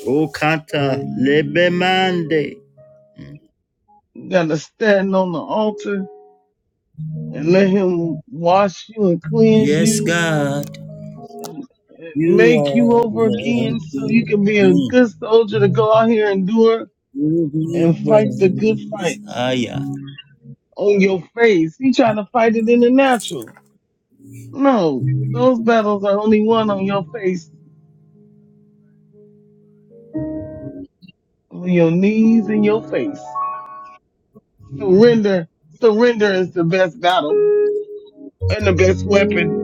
Speaker 1: Oh, Kata Lebemande.
Speaker 5: You gotta stand on the altar and let him wash you and cleanse
Speaker 1: Yes,
Speaker 5: you
Speaker 1: God,
Speaker 5: and, and
Speaker 1: you
Speaker 5: make you
Speaker 1: are
Speaker 5: over again so
Speaker 1: worthy
Speaker 5: you can be a good soldier to go out here and do it
Speaker 1: to be
Speaker 5: and fight the good
Speaker 1: praised.
Speaker 5: fights
Speaker 1: Ah, yeah.
Speaker 5: on your face. He trying to fight it in the natural. No, those battles are only won on your face, on your knees and your face. Surrender, surrender is the best battle and the best weapon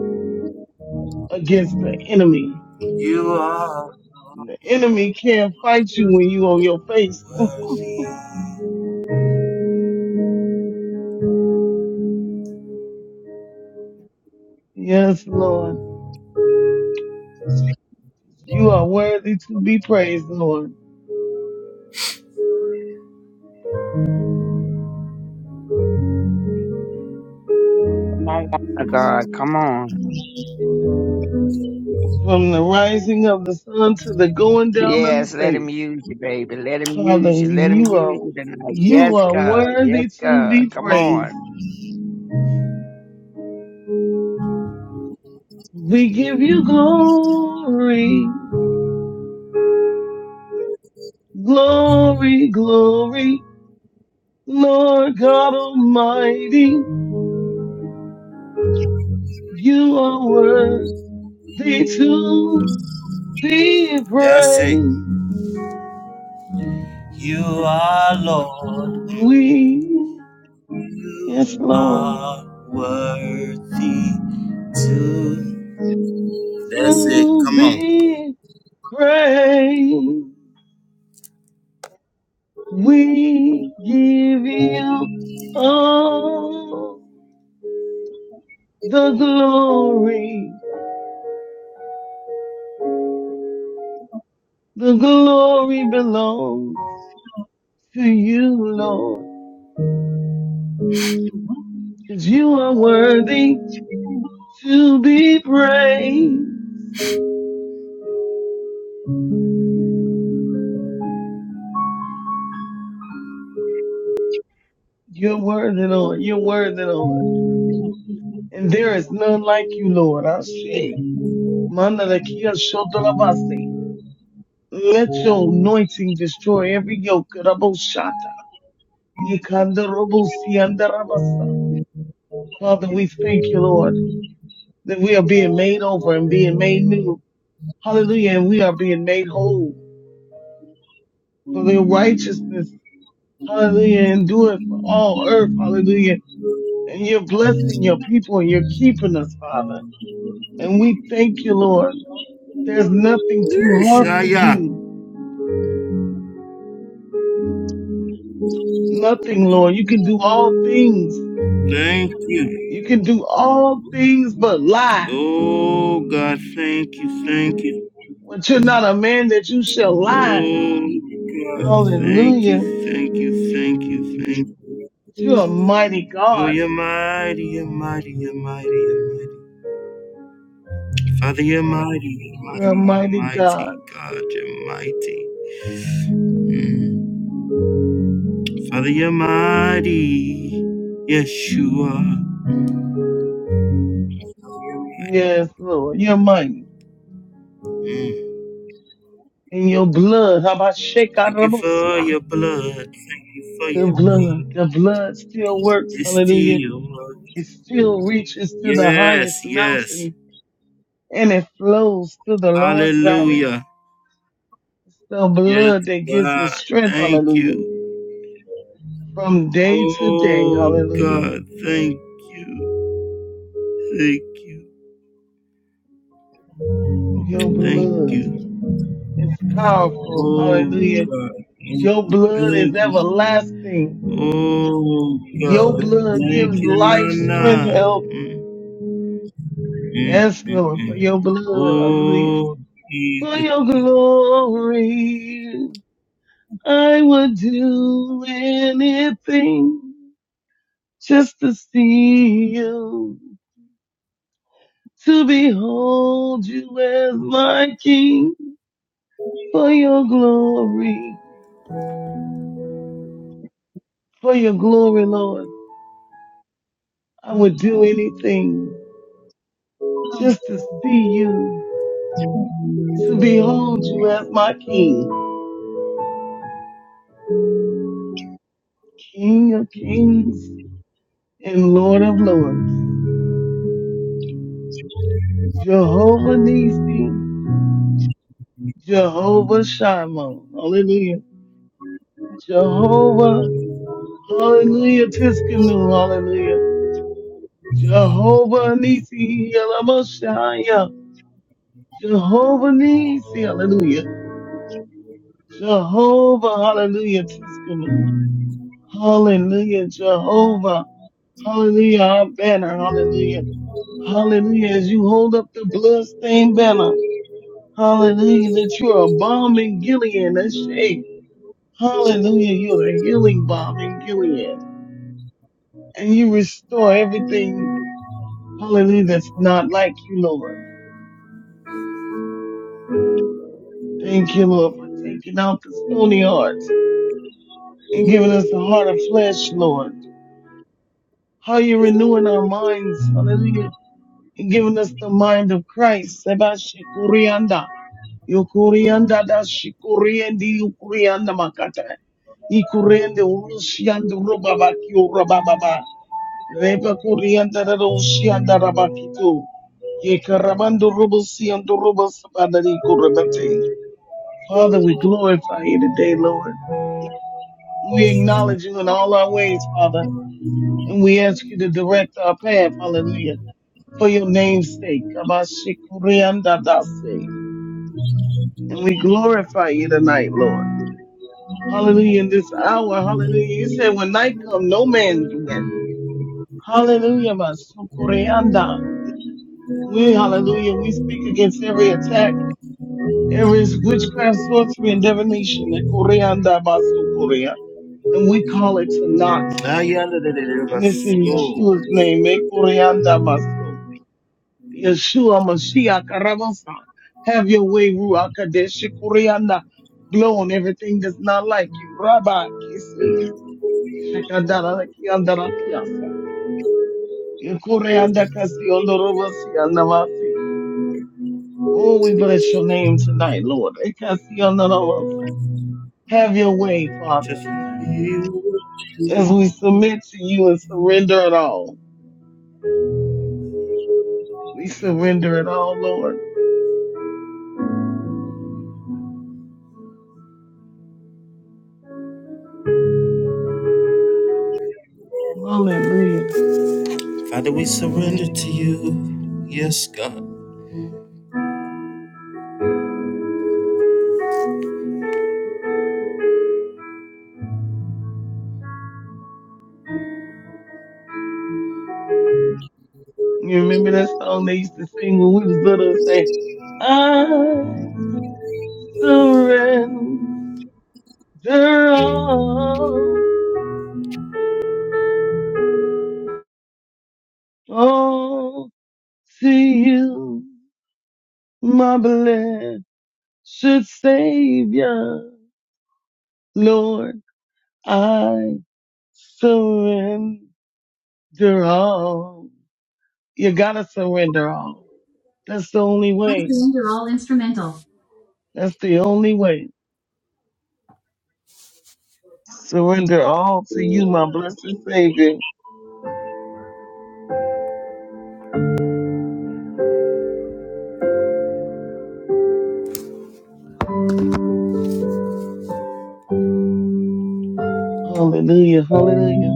Speaker 5: against the enemy.
Speaker 1: You are,
Speaker 5: The enemy can't fight you when you on your face. *laughs* Yes, Lord. You are worthy to be praised, Lord.
Speaker 6: Come on, woman of God. Come on.
Speaker 5: From the rising of the sun to the going down of the
Speaker 6: Yes, let him
Speaker 5: saints.
Speaker 6: use you, baby. Let him
Speaker 5: Father,
Speaker 6: use you. Let him
Speaker 5: you are
Speaker 6: use you tonight. Yes,
Speaker 5: you are
Speaker 6: God. Yes,
Speaker 5: worthy to
Speaker 6: God.
Speaker 5: be
Speaker 6: Come
Speaker 5: praised. We give you glory, glory, glory, Lord God Almighty. You are worthy to be
Speaker 1: that's it.
Speaker 5: praised.
Speaker 1: You are Lord,
Speaker 5: We, yes,
Speaker 1: you
Speaker 5: Lord,
Speaker 1: are worthy to. That's it,
Speaker 5: to
Speaker 1: come on.
Speaker 5: be praised. We give you all the glory. The glory belongs to you, Lord, because you are worthy to be praised. You're worthy, Lord. You're worthy, Lord. and there is none like you, Lord. Ashe. Manalakia Shodalabasi. Let your anointing destroy every yoke. Raboshata. Yikandarobosi andarabasa. Father, we thank you, Lord, that we are being made over and being made new. Hallelujah. And we are being made whole for their righteousness. Hallelujah. Endureth for all earth. Hallelujah. And you're blessing your people and you're keeping us, Father. And we thank you, Lord. There's nothing too
Speaker 1: Yes,
Speaker 5: hard
Speaker 1: ah,
Speaker 5: for
Speaker 1: yeah.
Speaker 5: you. nothing, Lord. You can do all things.
Speaker 1: Thank you.
Speaker 5: You can do all things but lie.
Speaker 1: Oh, God, thank you, thank you.
Speaker 5: But you're not a man that you shall lie.
Speaker 1: Oh God. Thank you,
Speaker 5: Hallelujah.
Speaker 1: thank you, thank you, thank you.
Speaker 5: You're a mighty
Speaker 1: Oh,
Speaker 5: God.
Speaker 1: you're mighty, you're mighty, you're mighty, you're mighty. Father, you're mighty, you're
Speaker 5: You're a
Speaker 1: mighty, you're
Speaker 5: mighty
Speaker 1: mighty.
Speaker 5: God.
Speaker 1: God, you're mighty. Father, you're mighty. Yes, you are.
Speaker 5: Yes, Lord. You're mighty. And your blood, how about
Speaker 1: Thank you for
Speaker 5: Shekarabosia?
Speaker 1: your blood. Thank you for
Speaker 5: The
Speaker 1: your
Speaker 5: blood,
Speaker 1: blood.
Speaker 5: the blood still works.
Speaker 1: It's
Speaker 5: Hallelujah.
Speaker 1: still working.
Speaker 5: It still reaches to the
Speaker 1: Yes,
Speaker 5: highest
Speaker 1: yes.
Speaker 5: mountain and it flows to the lowest valley.
Speaker 1: Hallelujah.
Speaker 5: The
Speaker 1: Yes,
Speaker 5: blood that gives me
Speaker 1: God.
Speaker 5: strength.
Speaker 1: Thank
Speaker 5: Hallelujah
Speaker 1: you.
Speaker 5: from day to day.
Speaker 1: Oh
Speaker 5: Hallelujah.
Speaker 1: God, thank you, thank you,
Speaker 5: Your
Speaker 1: thank
Speaker 5: blood
Speaker 1: you.
Speaker 5: is powerful.
Speaker 1: Oh
Speaker 5: Hallelujah.
Speaker 1: God, thank
Speaker 5: Your
Speaker 1: you,
Speaker 5: blood is
Speaker 1: thank you.
Speaker 5: everlasting.
Speaker 1: Oh
Speaker 5: Your
Speaker 1: God,
Speaker 5: blood gives
Speaker 1: thank you,
Speaker 5: life, strength,
Speaker 1: Nana.
Speaker 5: help.
Speaker 1: Mm-mm.
Speaker 5: Yes, Lord, for your blood. Hallelujah. For your glory, I would do anything just to see you, to behold you as my king for your glory. for your glory, Lord. I would do anything just to see you, to behold you as my King, King of kings and Lord of lords, Jehovah Nissi, Jehovah Shimon, hallelujah, Jehovah, hallelujah, Tiskanu, hallelujah, Jehovah Nissi, Yalamoshaya, Jehovah Nissi, hallelujah, Jehovah, hallelujah, Tiskanu. Hallelujah, Jehovah. Hallelujah, our banner. Hallelujah. Hallelujah. As you hold up the bloodstained banner. Hallelujah, that you are a bomb in Gilead. That's shake. Hallelujah, you're the healing bomb in Gilead. And you restore everything, hallelujah, that's not like you, Lord. Thank you, Lord, for taking out the stony hearts and giving us a heart of flesh, Lord. How you renewing our minds, hallelujah giving us the mind of Christ. Seba shikurianda. Yukurianda da shikuriendi yukurianda makata. Ikuriende urushianda rubabaki urabababa. Reba kurianda da rushianda rabakitu. Yekarabando rubusianda rubasabadari kurabate. Father, we glorify you today, Lord. We acknowledge you in all our ways, Father, and we ask you to direct our path, hallelujah, for your name's sake. Abashikurianda dase. And we glorify you tonight, Lord. Hallelujah. In this hour, hallelujah. You said when night come, no man's win. Hallelujah, Masukoreanda. We, hallelujah, we speak against every attack, every witchcraft, sorcery, and divination. Ekoreanda, Masukorea. And we call it to naught. And it's in
Speaker 1: Ayalalalalabaso.
Speaker 5: Yeshua's name. Ekoreanda, Masu. Yeshua Mashiach Rabasa. Have your way, Ruach Kadesh Kurianda. Blow on everything that's not like you. Rabbi Kisi. Shakadara Kiandara Piasa. Yukurianda Kasiondo Robasi Andavasi. Oh, we bless your name tonight, Lord. Ekasiondo Robosa. Have your way, Father.
Speaker 1: Just remember.
Speaker 5: As we submit to you and surrender it all. We surrender it all, Lord. Hallelujah.
Speaker 1: Father, we surrender to you. Yes, God.
Speaker 5: You remember that song they used to sing when we was little and say, I surrender all, all to you, my blessed Savior. Lord, I surrender all. You gotta surrender all. That's the only way. That's the only way. Surrender all to you, my blessed Savior. Hallelujah, hallelujah.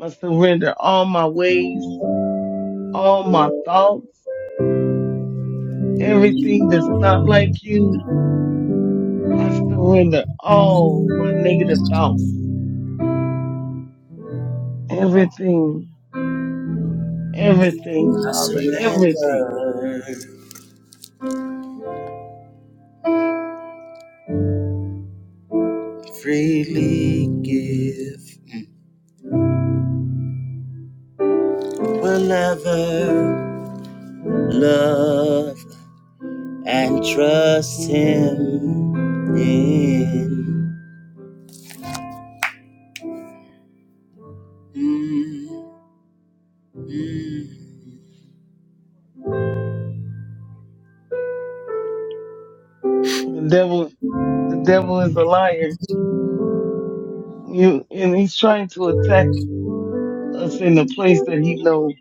Speaker 5: I surrender all my ways, all my thoughts, everything that's not like you. I surrender all my negative thoughts, everything, everything, Father, everything.
Speaker 1: Freely give, we'll ever love and trust Him in.
Speaker 5: The devil, the devil is a liar. You, and he's trying to attack us in the place that he know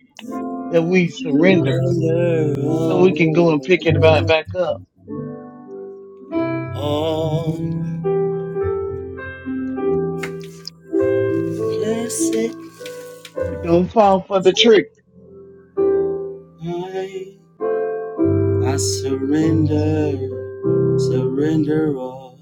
Speaker 5: that we surrendered so we can go and pick it right
Speaker 1: Oh,
Speaker 5: back up.
Speaker 1: all blessed
Speaker 5: Don't fall for the trick.
Speaker 1: I, I surrender, surrender all.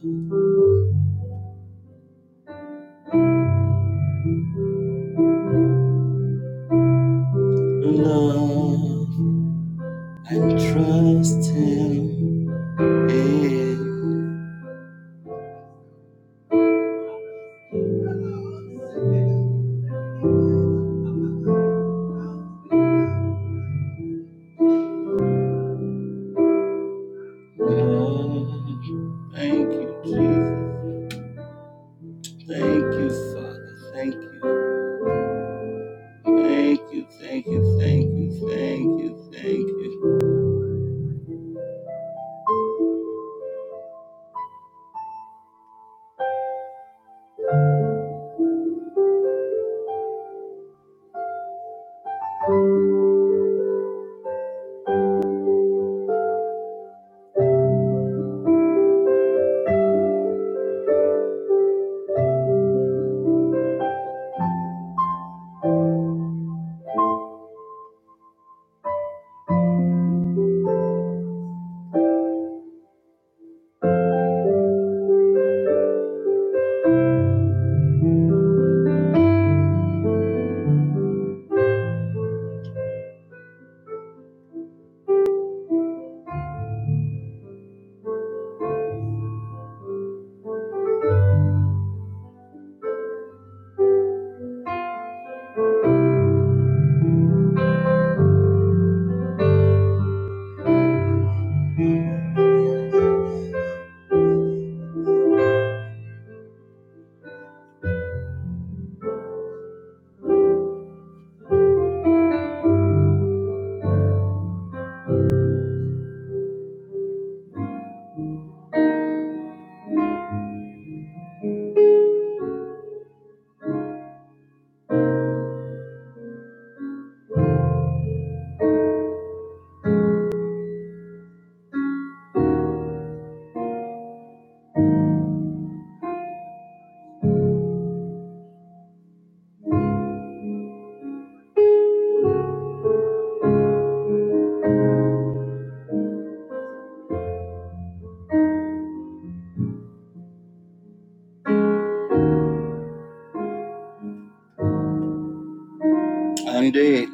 Speaker 1: eh,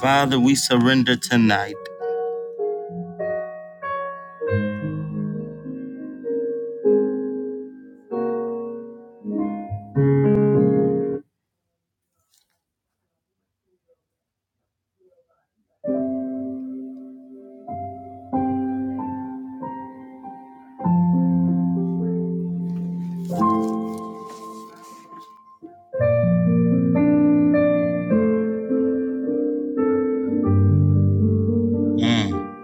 Speaker 1: Father, we surrender tonight. Mm.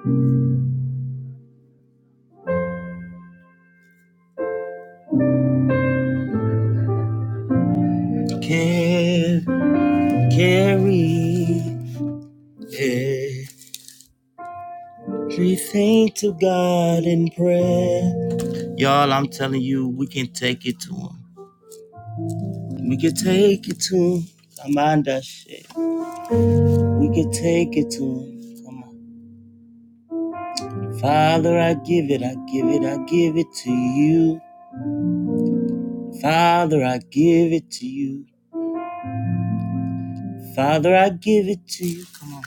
Speaker 1: Can carry everything to God in prayer. Y'all, I'm telling you, we can take it to Him. We can take it to him. Come on, that shit. We can take it to him. Come on. Father, I give it, I give it, I give it to you. Father, I give it to you. Father, I give it to you. Come on.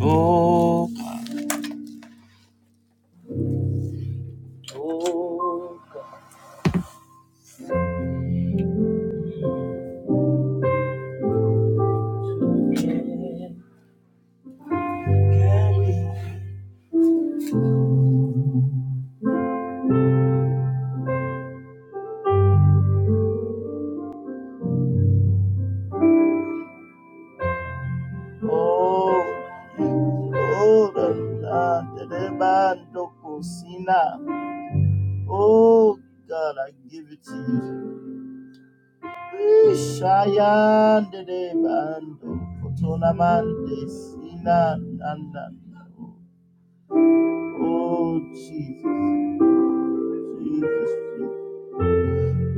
Speaker 1: Oh, oh, oh, the da, the da, the da, da, da, oh, God, I give it to you. Shayande de de bando, kotolamande sina nanda. Oh Jesus, Jesus, Jesus.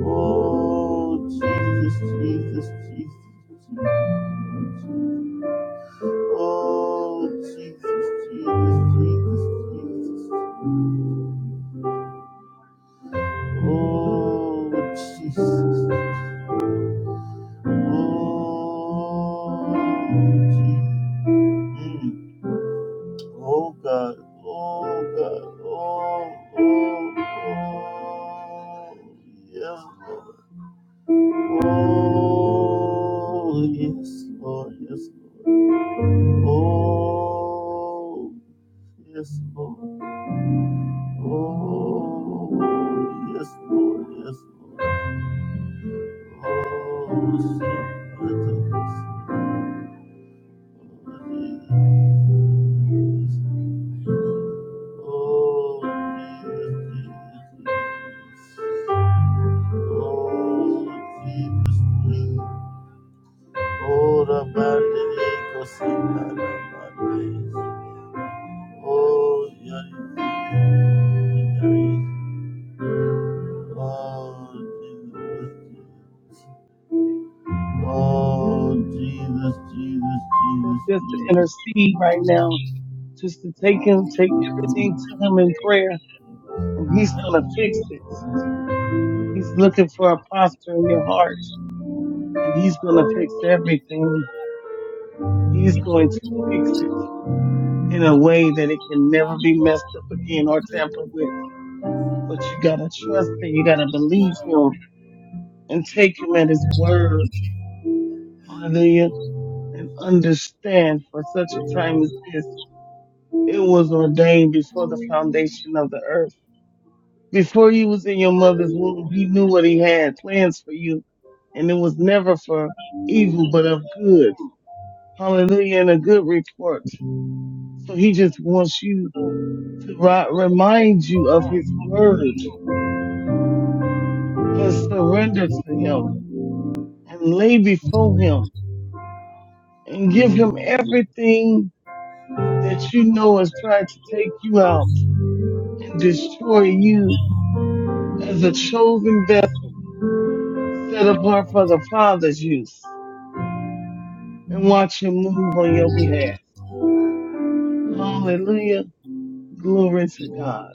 Speaker 1: Oh Jesus, Jesus, Jesus, Jesus. Oh Jesus, Jesus, Jesus, Jesus. Oh Jesus. Oh Jesus. Mm. Oh God, oh God, oh, oh, oh, yes, Lord. Oh, yes, Lord, yes, Lord. Oh, yes, Lord. Oh, yes, Lord, yes, Lord. Oh, yes Lord, Oh, Jesus, Jesus, Jesus,
Speaker 5: Just to
Speaker 1: Jesus.
Speaker 5: intercede right now just to take him, take everything to him in prayer, and he's gonna fix it. He's looking for a posture in your heart, and he's gonna fix everything. He's going to fix it in a way that it can never be messed up again or tampered with. But you gotta trust him, you gotta believe him, and take him at his word. Hallelujah. And understand for such a time as this, it was ordained before the foundation of the earth Before you was in your mother's womb, he knew what he had plans for you, and it was never for evil, but of good. Hallelujah, and a good report. So he just wants you to ri- remind you of his word and surrender to him and lay before him and give him everything that you know has tried to take you out and destroy you as a chosen vessel set apart for the Father's use. and watch him move on your behalf. Hallelujah. Glory to God.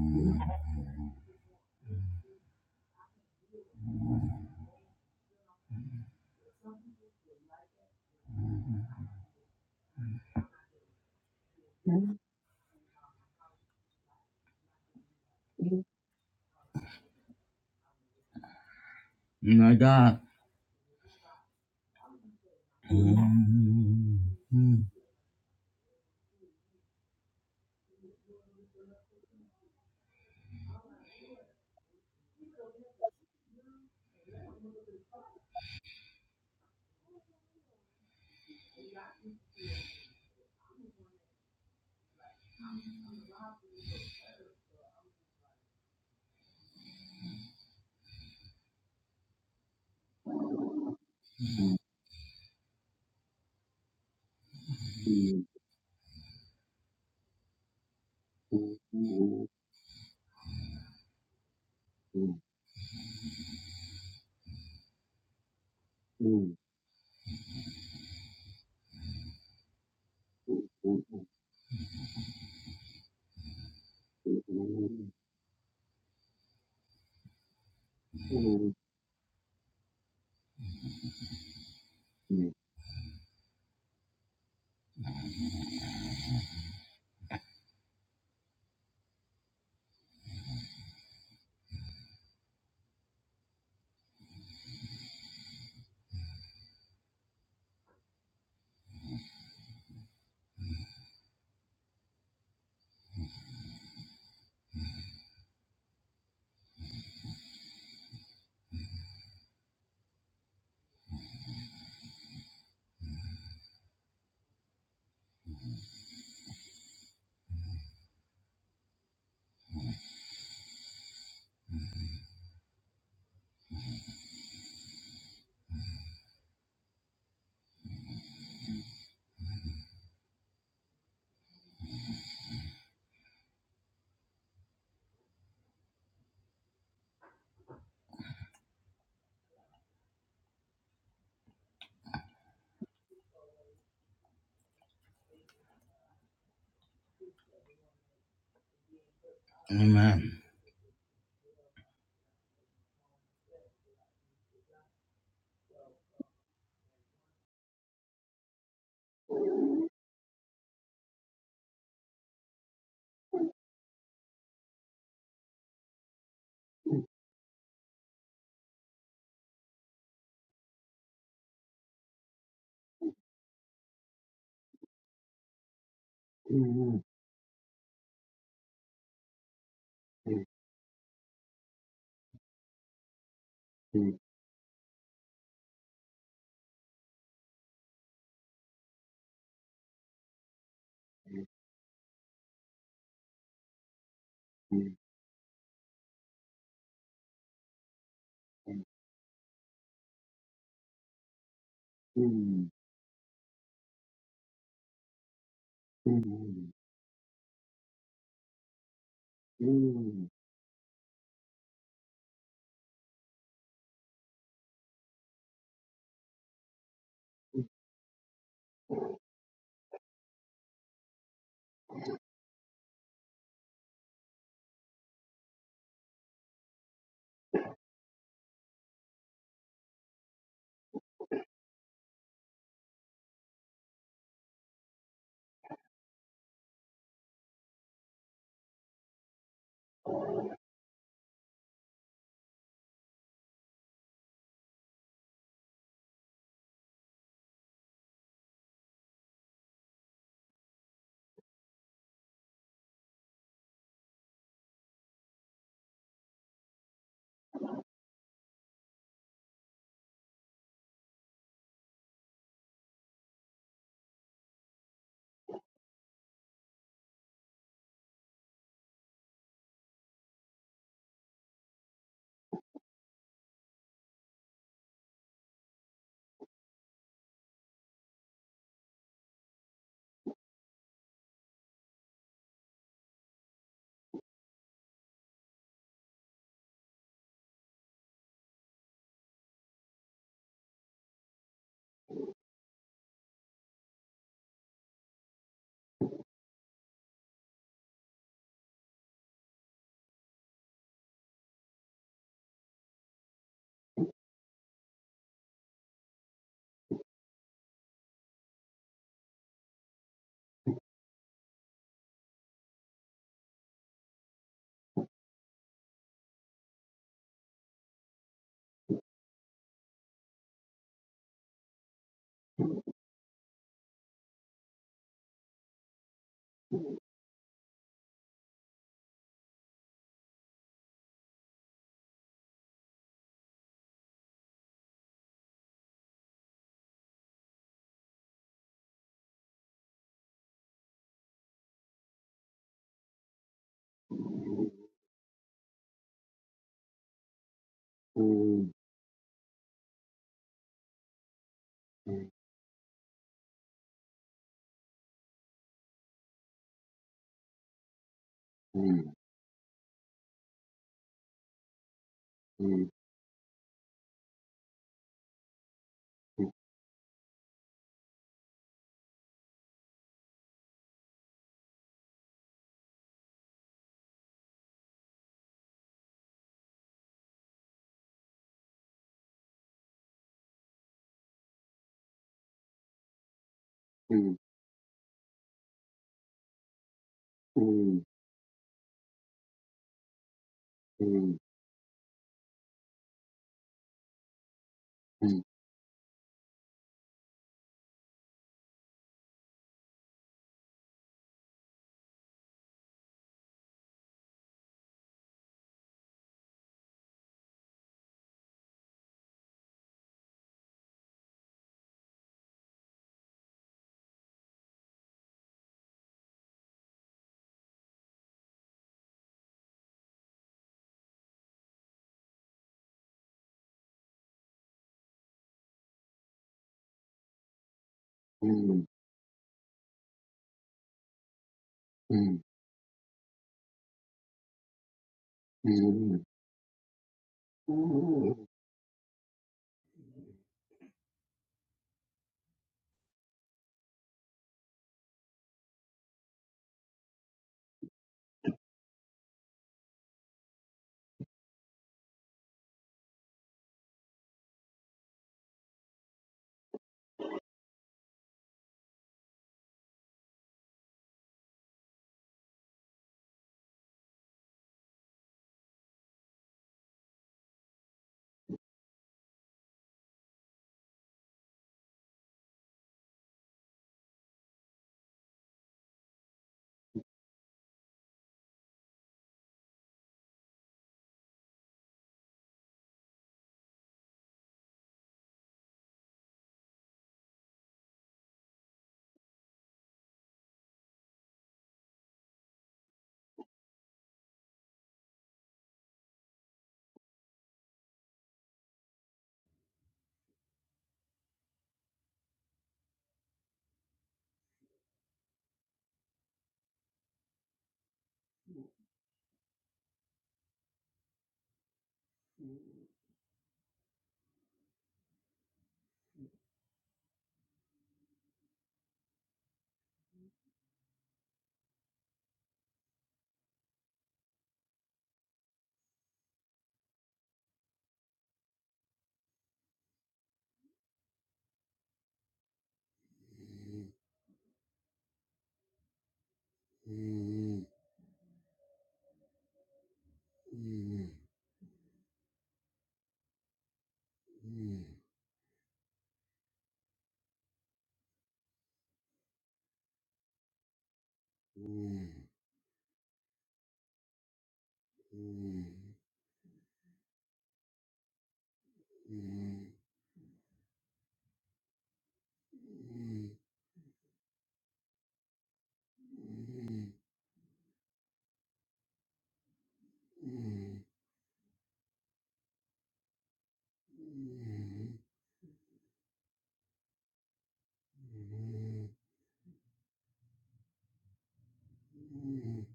Speaker 6: on.
Speaker 1: My God.
Speaker 6: Hmm. Hmm. Hmm. Hmm. Hmm. Hmm. Hmm.
Speaker 1: Amen.
Speaker 6: Hmm. Hmm. Hmm. Hmm. Hmm. Hmm. Hmm. Hmm. Hmm. Hmm. Hmm. Hmm. Hmm. Hmm. Hmm. Hmm. Hmm. Hmm. Hmm. Hmm. Hmm.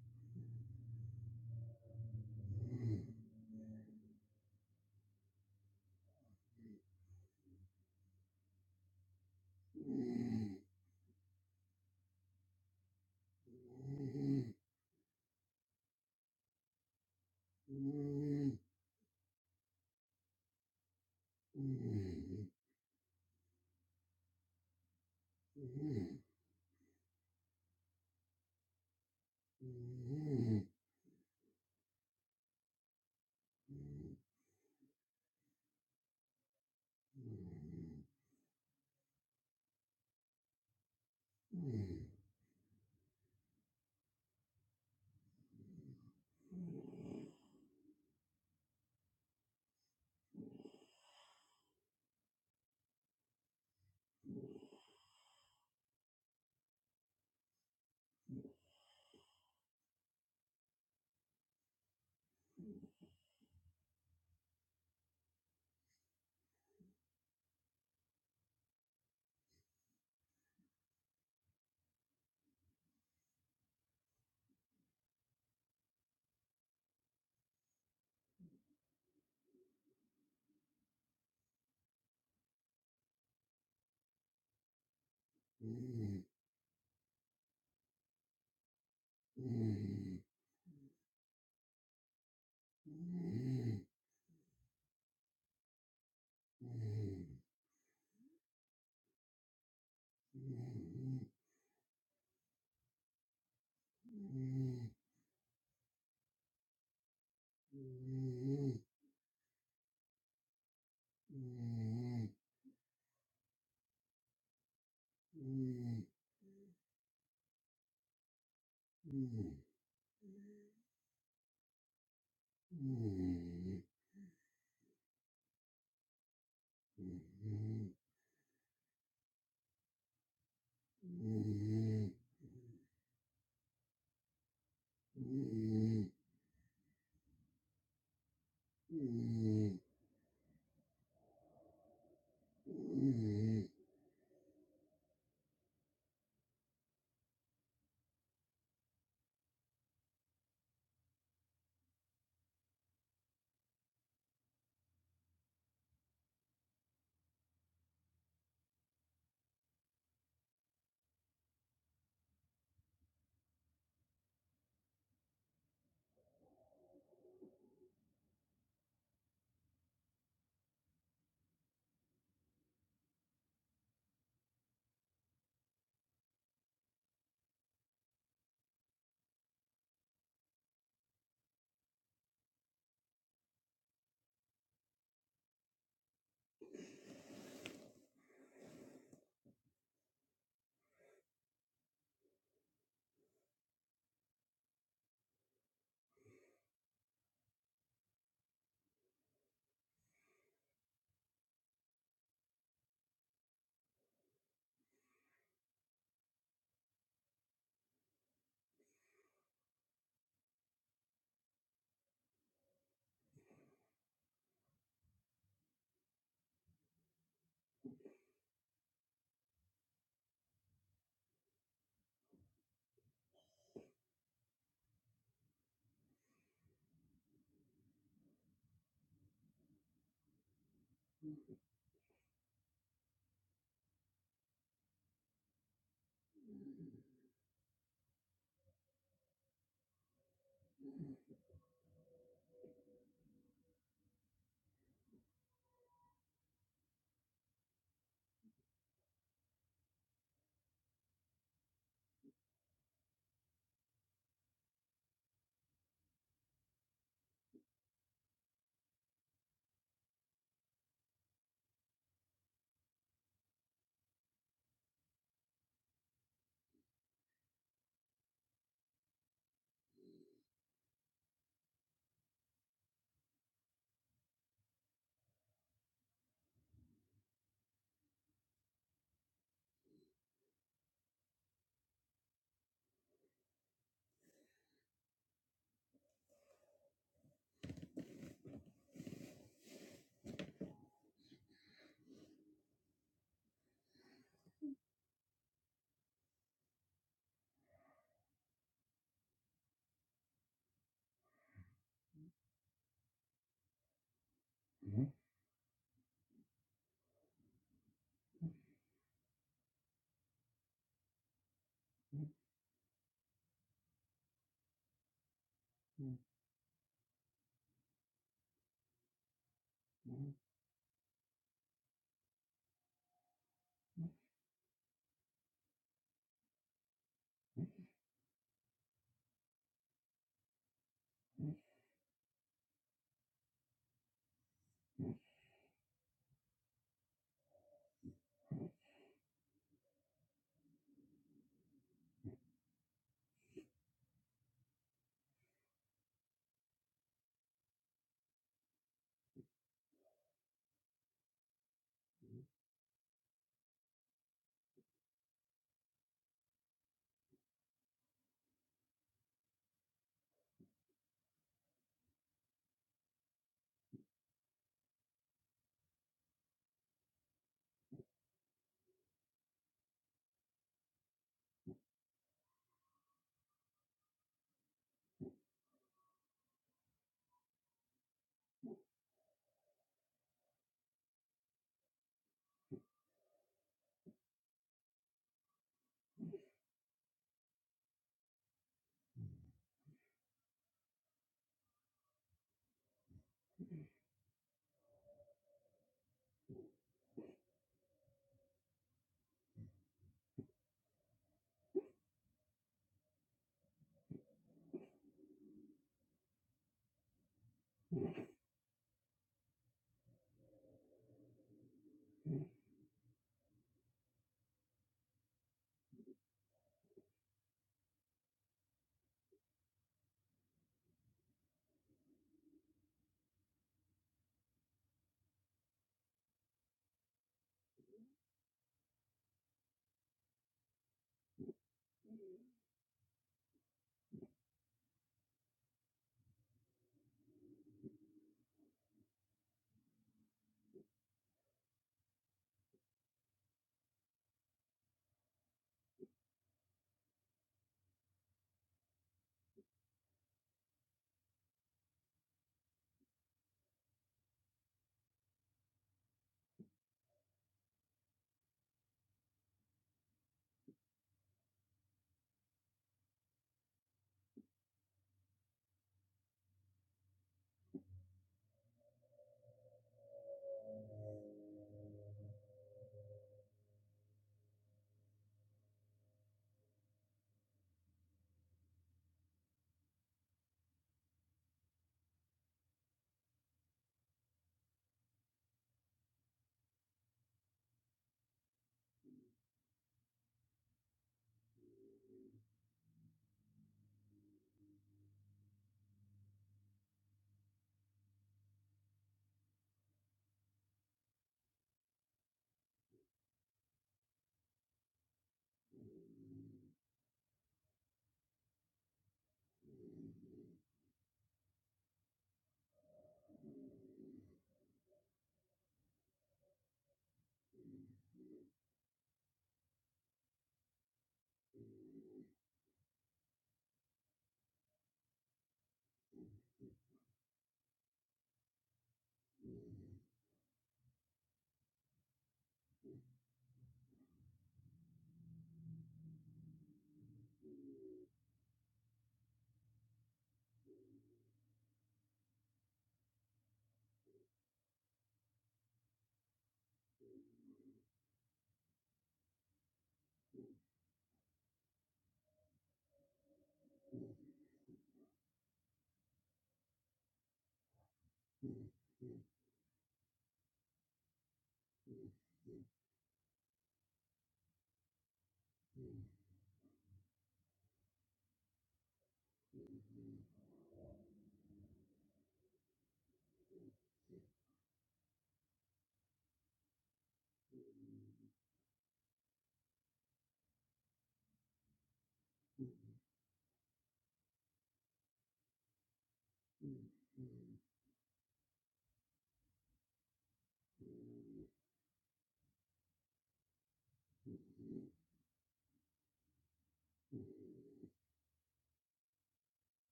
Speaker 6: Hmm. Hmm. Hmm. Hmm. Hmm. Hmm. Hmm. Hmm. Hmm. Hmm. Hmm. Hmm.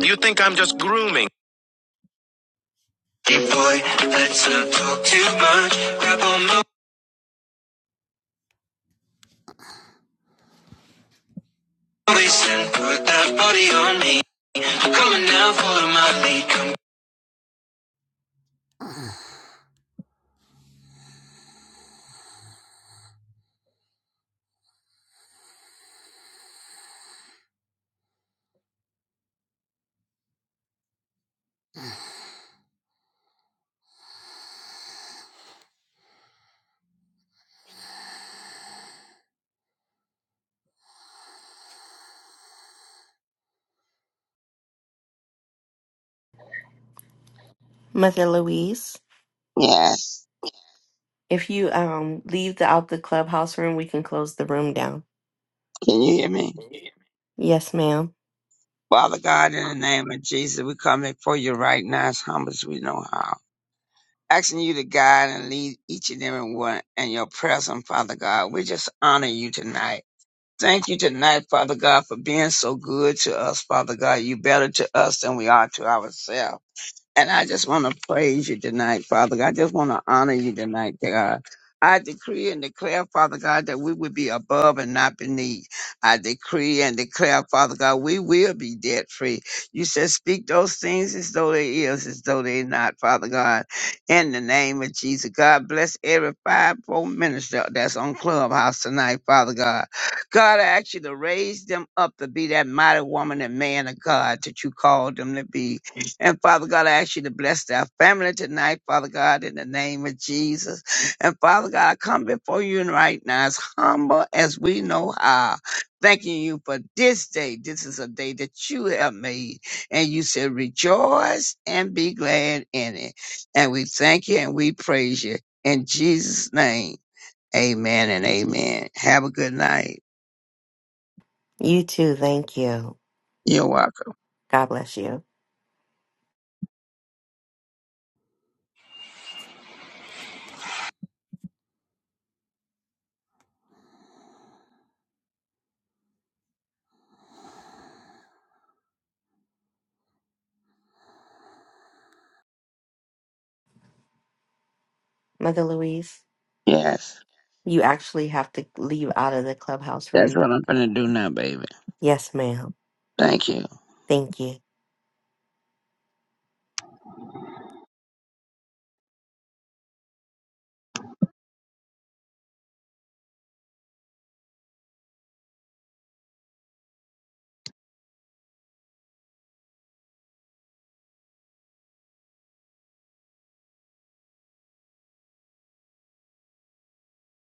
Speaker 6: You think I'm just grooming? Hey boy, let's not talk too much. Grab on my waist and put that body on me. Coming now, follow my lead.
Speaker 4: Mother Louise,
Speaker 6: Yes.
Speaker 4: if you um leave the out the clubhouse room, we can close the room down.
Speaker 6: Can you hear me?
Speaker 4: Yes, ma'am.
Speaker 6: Father God, in the name of Jesus, we come before you right now as humble as we know how. asking you to guide and lead each and every one in your presence, Father God. We just honor you tonight. Thank you tonight, Father God, for being so good to us, Father God. You better to us than we are to ourselves. And I just want to praise you tonight, Father God. I just want to honor you tonight, God. I decree and declare, Father God, that we would be above and not beneath. I decree and declare, Father God, we will be debt free. You said, speak those things as though they is, as though they not, Father God. In the name of Jesus, God bless every five-fold minister that's on Clubhouse tonight, Father God. God, I ask you to raise them up to be that mighty woman and man of God that you called them to be. And Father God, I ask you to bless our family tonight, Father God, in the name of Jesus. And Father God, I come before you right now as humble as we know how. Thanking you for this day. This is a day that you have made. And you said, rejoice and be glad in it. And we thank you and we praise you. In Jesus' name, amen and amen. Have a good night.
Speaker 4: You too, thank you.
Speaker 6: You're welcome.
Speaker 4: God bless you. Mother Louise.
Speaker 6: Yes,
Speaker 4: You actually have to leave out of the clubhouse
Speaker 6: that's
Speaker 4: room.
Speaker 6: what I'm going to do now, baby.
Speaker 4: Yes, ma'am.
Speaker 6: Thank you.
Speaker 4: Thank you.